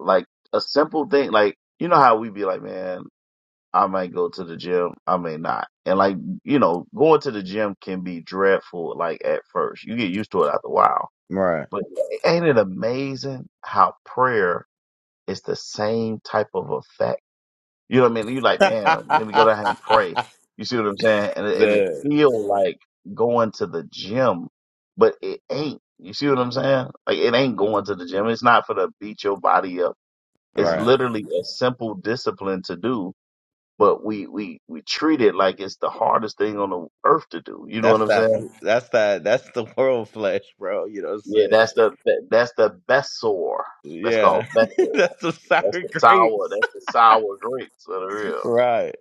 [SPEAKER 3] like a simple thing. Like you know how we be like, man, I might go to the gym, I may not. And like, you know, going to the gym can be dreadful. Like at first, you get used to it after a while
[SPEAKER 1] Right.
[SPEAKER 3] But ain't it amazing how prayer is the same type of effect? You know what I mean? You like, man, let me go down here and pray. You see what I'm saying? And it, and it
[SPEAKER 1] Man.
[SPEAKER 3] feel like going to the gym, but it ain't. You see what I'm saying? Like it ain't going to the gym. It's not for to beat your body up. It's
[SPEAKER 1] Right.
[SPEAKER 3] literally a simple discipline to do, but we we we treat it like it's the hardest thing on the earth to do. You know what
[SPEAKER 1] That's
[SPEAKER 3] I'm
[SPEAKER 1] that.
[SPEAKER 3] saying?
[SPEAKER 1] fl- That's that. That's the world flesh, bro. You know what I'm
[SPEAKER 3] Yeah,
[SPEAKER 1] saying?
[SPEAKER 3] that's the that, that's the Bessor. That's
[SPEAKER 1] Yeah.
[SPEAKER 3] called Bessor.
[SPEAKER 1] that's the
[SPEAKER 3] That's
[SPEAKER 1] sour
[SPEAKER 3] the
[SPEAKER 1] grapes.
[SPEAKER 3] sour. That's the sour grapes of the real.
[SPEAKER 1] Right.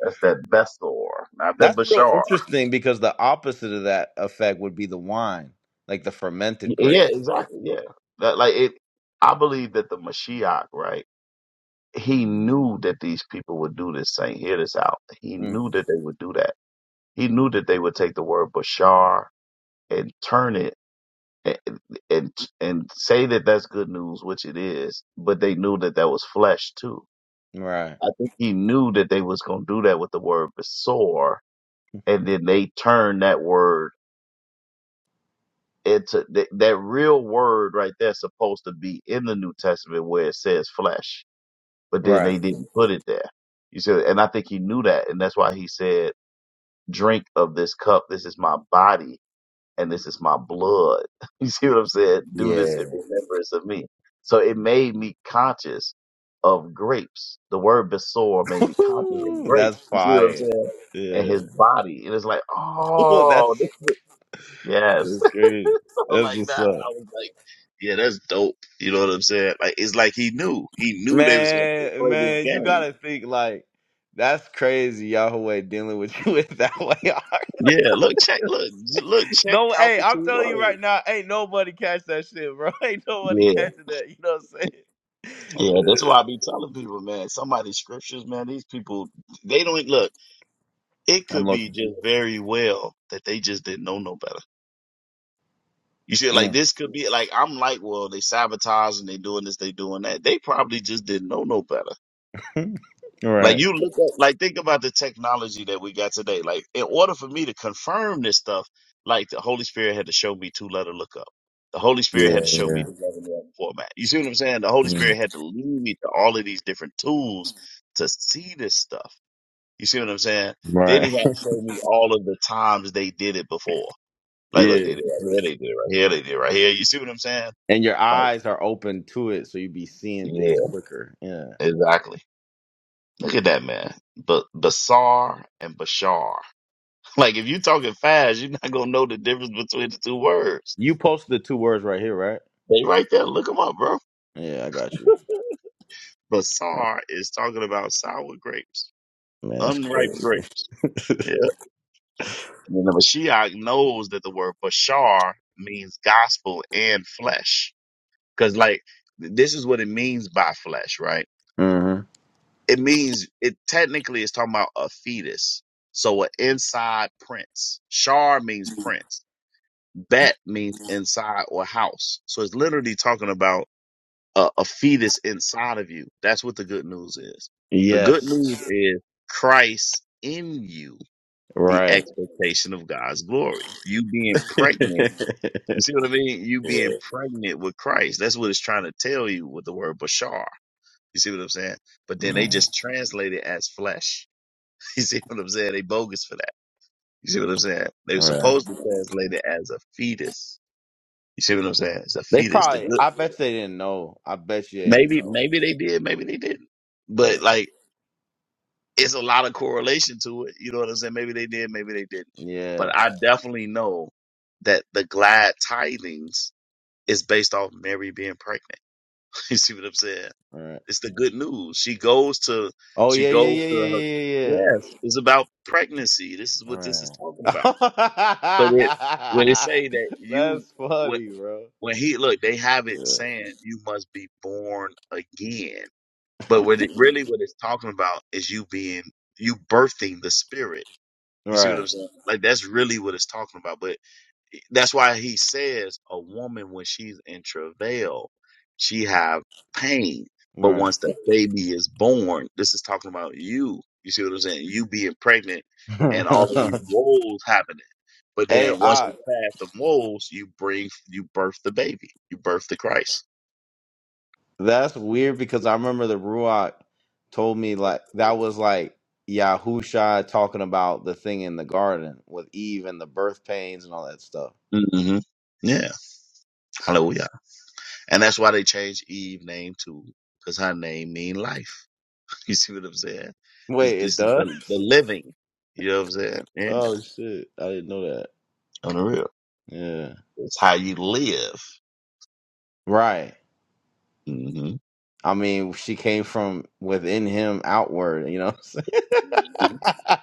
[SPEAKER 3] That's that Bessor, not that
[SPEAKER 1] That's real
[SPEAKER 3] Bashar.
[SPEAKER 1] interesting because the opposite of that effect would be the wine, like the fermented grape.
[SPEAKER 3] Yeah, exactly. Yeah, that like it. I believe that the Mashiach, right? He knew that these people would do this thing. Hear this out. He
[SPEAKER 1] Mm,
[SPEAKER 3] knew that they would do that. He knew that they would take the word Bashar and turn it and and, and say that that's good news, which it is. But they knew that that was flesh too
[SPEAKER 1] right.
[SPEAKER 3] I think he knew that they was going to do that with the word besor, and then they turned that word into that, that real word right there supposed to be in the New Testament where it says flesh, but then
[SPEAKER 1] Right.
[SPEAKER 3] they didn't put it there. You see, and I think he knew that, and that's why he said, "Drink of this cup. This is my body." and this is my blood. You see what I'm saying? Do this
[SPEAKER 1] Yeah.
[SPEAKER 3] in remembrance of me. So it made me conscious of grapes. The word besor made me conscious of
[SPEAKER 1] Woo-hoo,
[SPEAKER 3] grapes.
[SPEAKER 1] that's
[SPEAKER 3] You see what I'm
[SPEAKER 1] fire.
[SPEAKER 3] saying? And
[SPEAKER 1] Yeah.
[SPEAKER 3] his body. And it's like,
[SPEAKER 1] Well, that's
[SPEAKER 3] oh, this- yes.
[SPEAKER 1] it's crazy.
[SPEAKER 3] So
[SPEAKER 1] That's
[SPEAKER 3] like
[SPEAKER 1] what's
[SPEAKER 3] that,
[SPEAKER 1] up.
[SPEAKER 3] I was like, yeah, that's dope. You know what I'm saying? Like, it's like he knew. He knew they was going to
[SPEAKER 1] Man,
[SPEAKER 3] play this
[SPEAKER 1] man, you
[SPEAKER 3] game.
[SPEAKER 1] gotta think like that's crazy, Yahweh dealing with you with that way.
[SPEAKER 3] Yeah, look, check, look, look, check
[SPEAKER 1] no,
[SPEAKER 3] out
[SPEAKER 1] hey,
[SPEAKER 3] the
[SPEAKER 1] I'm
[SPEAKER 3] two
[SPEAKER 1] telling you right
[SPEAKER 3] words.
[SPEAKER 1] now, ain't nobody catch that shit, bro. Ain't
[SPEAKER 3] Yeah.
[SPEAKER 1] nobody catching that. You know what I'm saying?
[SPEAKER 3] Yeah, that's why I be telling people, man. Some of these scriptures, man, these people, they don't e, look. It
[SPEAKER 1] I'm
[SPEAKER 3] could be
[SPEAKER 1] looking.
[SPEAKER 3] just very well that they just didn't know no better. You see, like this could be like I'm like, well, they sabotage and they doing this, they doing that. They probably just didn't know no better.
[SPEAKER 1] Mm. Right.
[SPEAKER 3] Like you look at, like think about the technology that we got today. Like in order for me to confirm this stuff, like the Holy Spirit had to show me two letter lookup. The Holy Spirit had to
[SPEAKER 1] Yeah,
[SPEAKER 3] show me
[SPEAKER 1] yeah.
[SPEAKER 3] the eleven eleven format. You see what I'm saying? The Holy Spirit
[SPEAKER 1] Mm.
[SPEAKER 3] had to lead me to all of these different tools to see this stuff. You see what I'm saying? Then
[SPEAKER 1] Right.
[SPEAKER 3] he had to show me all of the times they did it before. Like, look,
[SPEAKER 1] yeah.
[SPEAKER 3] they did it right here, they did it right here, they did it right here. You see what I'm saying?
[SPEAKER 1] And your
[SPEAKER 3] Like,
[SPEAKER 1] eyes are open to it, so you be seeing
[SPEAKER 3] yeah,
[SPEAKER 1] things quicker. Yeah.
[SPEAKER 3] exactly. Look at that man, but Basar and Bashar. Like if you talking fast, you're not gonna know the difference between the two words.
[SPEAKER 1] You posted the two words right here, right?
[SPEAKER 3] They right there. Look them up, bro.
[SPEAKER 1] Yeah, I got you.
[SPEAKER 3] Basar is talking about sour grapes,
[SPEAKER 1] Man, that's
[SPEAKER 3] unripe
[SPEAKER 1] crazy.
[SPEAKER 3] grapes. Yeah. And the Mashiach knows that the word Bashar means gospel and flesh. Cause like this is what it means by flesh, right?
[SPEAKER 1] Mm-hmm.
[SPEAKER 3] It means it technically is talking about a fetus. So an inside prince. Shar means prince. Bet means inside or house. So it's literally talking about a, a fetus inside of you. That's what the good news is. The good news
[SPEAKER 1] Yes.
[SPEAKER 3] is Christ in you, the
[SPEAKER 1] Right.
[SPEAKER 3] expectation of God's glory. You being
[SPEAKER 1] yeah.
[SPEAKER 3] pregnant. You see what I mean? You being pregnant with Christ. That's what it's trying to tell you with the word Bashar. You see what I'm saying? But then they
[SPEAKER 1] Man.
[SPEAKER 3] just translate it as flesh. You see what I'm saying? They bogus for that. You see what I'm saying? They were
[SPEAKER 1] Right.
[SPEAKER 3] supposed to translate it as a fetus. You see what I'm saying? It's a
[SPEAKER 1] They
[SPEAKER 3] fetus. The
[SPEAKER 1] probably
[SPEAKER 3] good,
[SPEAKER 1] I bet they didn't know. I bet you they didn't
[SPEAKER 3] maybe,
[SPEAKER 1] know.
[SPEAKER 3] maybe they did, maybe they didn't.
[SPEAKER 1] Yeah.
[SPEAKER 3] But like it's a lot of correlation to it. You know what I'm saying? Maybe they did, maybe they didn't.
[SPEAKER 1] Yeah.
[SPEAKER 3] But I definitely know that the glad tidings is based off Mary being pregnant. you see what I'm saying?
[SPEAKER 1] All right.
[SPEAKER 3] It's the good news. She goes to,
[SPEAKER 1] Oh
[SPEAKER 3] she
[SPEAKER 1] yeah, yeah,
[SPEAKER 3] goes
[SPEAKER 1] yeah, yeah,
[SPEAKER 3] to her,
[SPEAKER 1] yeah, yeah,
[SPEAKER 3] yes, it's about pregnancy. This is
[SPEAKER 1] yeah. All
[SPEAKER 3] what this is talking
[SPEAKER 1] right.
[SPEAKER 3] about. So that when they say that you,
[SPEAKER 1] That's
[SPEAKER 3] when,
[SPEAKER 1] funny, bro.
[SPEAKER 3] when he, look, they have it
[SPEAKER 1] Yeah.
[SPEAKER 3] saying you must be born again. But what it really, what it's talking about is you being, you birthing the spirit you see what
[SPEAKER 1] Right.
[SPEAKER 3] I'm saying? Like that's really what it's talking about. But that's why he says a woman when she's in travail, she have pain. But
[SPEAKER 1] Right.
[SPEAKER 3] once the baby is born, this is talking about you. You see what I'm saying? You being pregnant and all of these woes happening. But
[SPEAKER 1] hey,
[SPEAKER 3] then once you
[SPEAKER 1] I,
[SPEAKER 3] pass the woes, you bring you birth the baby. You birth the Christ.
[SPEAKER 1] that's weird because I remember the Ruach told me like that was like Yahusha talking about the thing in the garden with Eve and the birth pains and all that stuff.
[SPEAKER 3] hmm Yeah. Hallelujah. And that's why they changed Eve name too, because her name mean life. You see what I'm saying? This
[SPEAKER 1] Wait, it
[SPEAKER 3] this is
[SPEAKER 1] does?
[SPEAKER 3] the, the living. You know what I'm saying? Yeah,
[SPEAKER 1] Oh shit. I didn't know that.
[SPEAKER 3] on the real.
[SPEAKER 1] Yeah.
[SPEAKER 3] It's how you live.
[SPEAKER 1] Right.
[SPEAKER 3] hmm
[SPEAKER 1] I mean, she came from within him outward, you know. what
[SPEAKER 3] hmm
[SPEAKER 1] I'm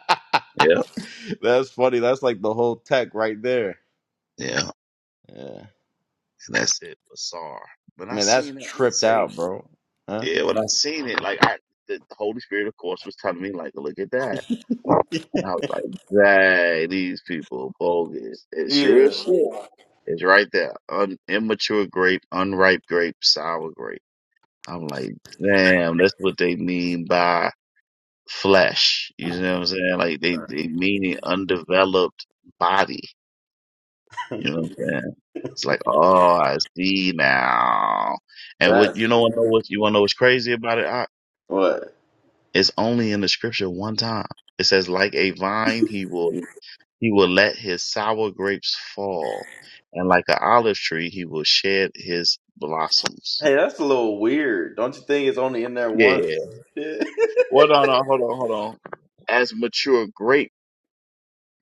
[SPEAKER 3] Yeah,
[SPEAKER 1] saying? that's funny. That's like the whole tech right there.
[SPEAKER 3] yeah.
[SPEAKER 1] Yeah.
[SPEAKER 3] And that's it. Bizarre. When I
[SPEAKER 1] Man, that's
[SPEAKER 3] seen it, I
[SPEAKER 1] tripped
[SPEAKER 3] say,
[SPEAKER 1] out, bro. Huh?
[SPEAKER 3] yeah. When I seen it, like I, the Holy Spirit, of course, was telling me, like, look at that. And I was like, dang, these people bogus. It sure
[SPEAKER 1] Yeah.
[SPEAKER 3] is. shit. It's right there. Un- immature grape, unripe grape, sour grape. I'm like, damn, that's what they mean by. flesh. You know what I'm saying? Like they they mean an undeveloped body. You know what I'm saying? It's like, oh, I see now. And what
[SPEAKER 1] That's
[SPEAKER 3] you know what know what you wanna know what's crazy about it? I,
[SPEAKER 1] what.
[SPEAKER 3] it's only in the scripture one time. It says, like a vine, he will he will let his sour grapes fall, and like an olive tree, he will shed his blossoms.
[SPEAKER 1] Hey, that's a little weird. Don't you think it's only in there once?
[SPEAKER 3] Yeah.
[SPEAKER 1] Yeah.
[SPEAKER 3] Well, no, no, hold on, hold on. As mature grapes.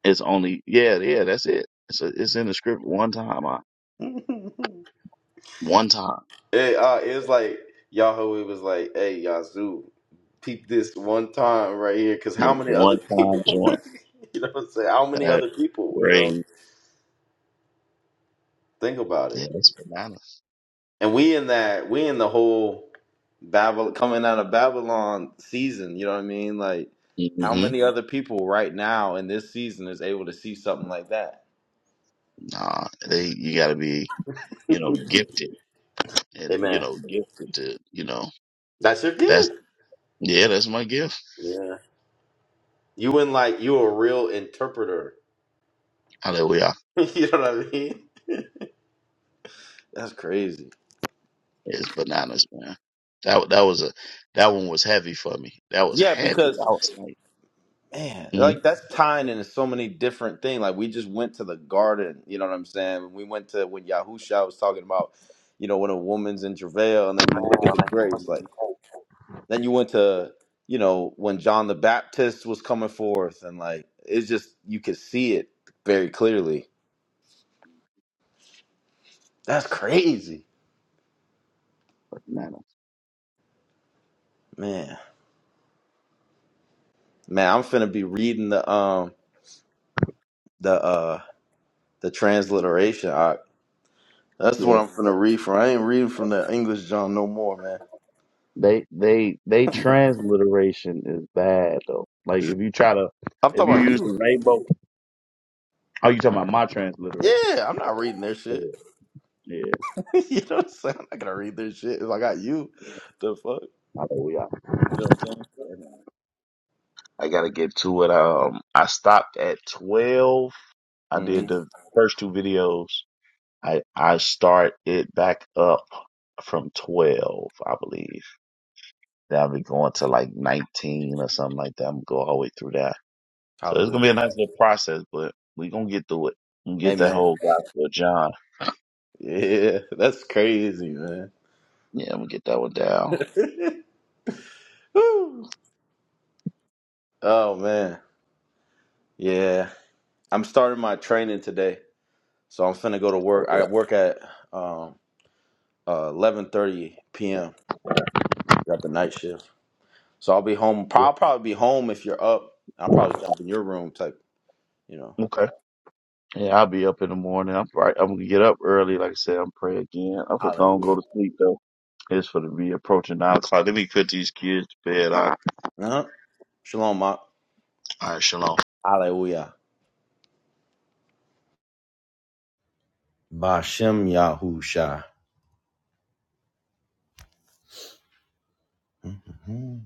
[SPEAKER 3] It's only yeah, yeah. That's it. It's a, it's in the script one time. I, one time,
[SPEAKER 1] hey, uh, it was like Yahweh was like, "Hey, Yazoo, peep this one time right here, because how many other
[SPEAKER 3] one time
[SPEAKER 1] people?
[SPEAKER 3] joint.
[SPEAKER 1] you know, what I'm saying how many
[SPEAKER 3] That
[SPEAKER 1] other people? You know,
[SPEAKER 3] crazy.
[SPEAKER 1] think about it.
[SPEAKER 3] Yeah, that's bananas.
[SPEAKER 1] And we in that, we in the whole Babylon coming out of Babylon season. You know what I mean? Like, how
[SPEAKER 3] hmm
[SPEAKER 1] many other people right now in this season is able to see something like that?
[SPEAKER 3] Nah, they you got to be you know gifted and you
[SPEAKER 1] Amen.
[SPEAKER 3] know gifted to you know
[SPEAKER 1] That's your
[SPEAKER 3] that's
[SPEAKER 1] gift.
[SPEAKER 3] yeah that's my gift.
[SPEAKER 1] Yeah. You in like you a real interpreter.
[SPEAKER 3] Hallelujah.
[SPEAKER 1] you know what I mean? That's crazy.
[SPEAKER 3] It's bananas, man. That that was a that one was heavy for me. That was
[SPEAKER 1] Yeah,
[SPEAKER 3] heavy. I
[SPEAKER 1] because
[SPEAKER 3] was like,
[SPEAKER 1] man,
[SPEAKER 3] mhm.
[SPEAKER 1] like that's tying into so many different things. Like we just went to the garden, you know what I'm saying? We went to when Yahusha was talking about, you know, when a woman's in travail and then you look at the grace, like then you went to, you know, when John the Baptist was coming forth and like it's just you could see it very clearly. That's crazy.
[SPEAKER 3] Bananas.
[SPEAKER 1] Man. Man, I'm finna be reading the um the uh the transliteration. I, that's
[SPEAKER 3] Yeah.
[SPEAKER 1] what I'm gonna read from. I ain't reading from the English John no more, man.
[SPEAKER 3] They they they transliteration is bad though. Like if you try to
[SPEAKER 1] I'm talking
[SPEAKER 3] if you
[SPEAKER 1] about
[SPEAKER 3] use
[SPEAKER 1] you.
[SPEAKER 3] the rainbow oh you talking about my transliteration.
[SPEAKER 1] Yeah, I'm not reading their
[SPEAKER 3] Yeah,
[SPEAKER 1] shit.
[SPEAKER 3] yeah.
[SPEAKER 1] you know what I'm saying? I'm not gonna read their shit if I got you. The fuck?
[SPEAKER 3] I know we are.
[SPEAKER 1] You know what I'm saying?
[SPEAKER 3] I gotta get to it. Um I stopped at twelve. I did
[SPEAKER 1] Mm-hmm.
[SPEAKER 3] the first two videos. I I start it back up from twelve, I believe. Then I'll be going to like nineteen or something like that. I'm gonna go all the way through that. So it's gonna be a
[SPEAKER 1] Hallelujah.
[SPEAKER 3] nice little process, but we gonna get through it. and get that
[SPEAKER 1] Amen.
[SPEAKER 3] whole gospel of John.
[SPEAKER 1] Yeah, that's crazy, man.
[SPEAKER 3] Yeah, I'm gonna get that one down.
[SPEAKER 1] Woo. oh man. Yeah. I'm starting my training today. So I'm finna go to
[SPEAKER 3] Oh,
[SPEAKER 1] work. I
[SPEAKER 3] Yeah.
[SPEAKER 1] work at um uh eleven thirty PM. Got the night shift. So I'll be home. I'll probably be home if you're up. I'll probably jump in your room type, you know.
[SPEAKER 3] yeah. Okay. Yeah, I'll be up in the morning. I'm right. I'm gonna get up early. Like I said, I'm pray again. I'm gonna go
[SPEAKER 1] Hallelujah.
[SPEAKER 3] to sleep though. It's for to be approaching nine o'clock. Let me put these kids to bed. All right.
[SPEAKER 1] Uh-huh. Shalom, Ma.
[SPEAKER 3] All right. Shalom.
[SPEAKER 1] Hallelujah. Bashem Yahusha.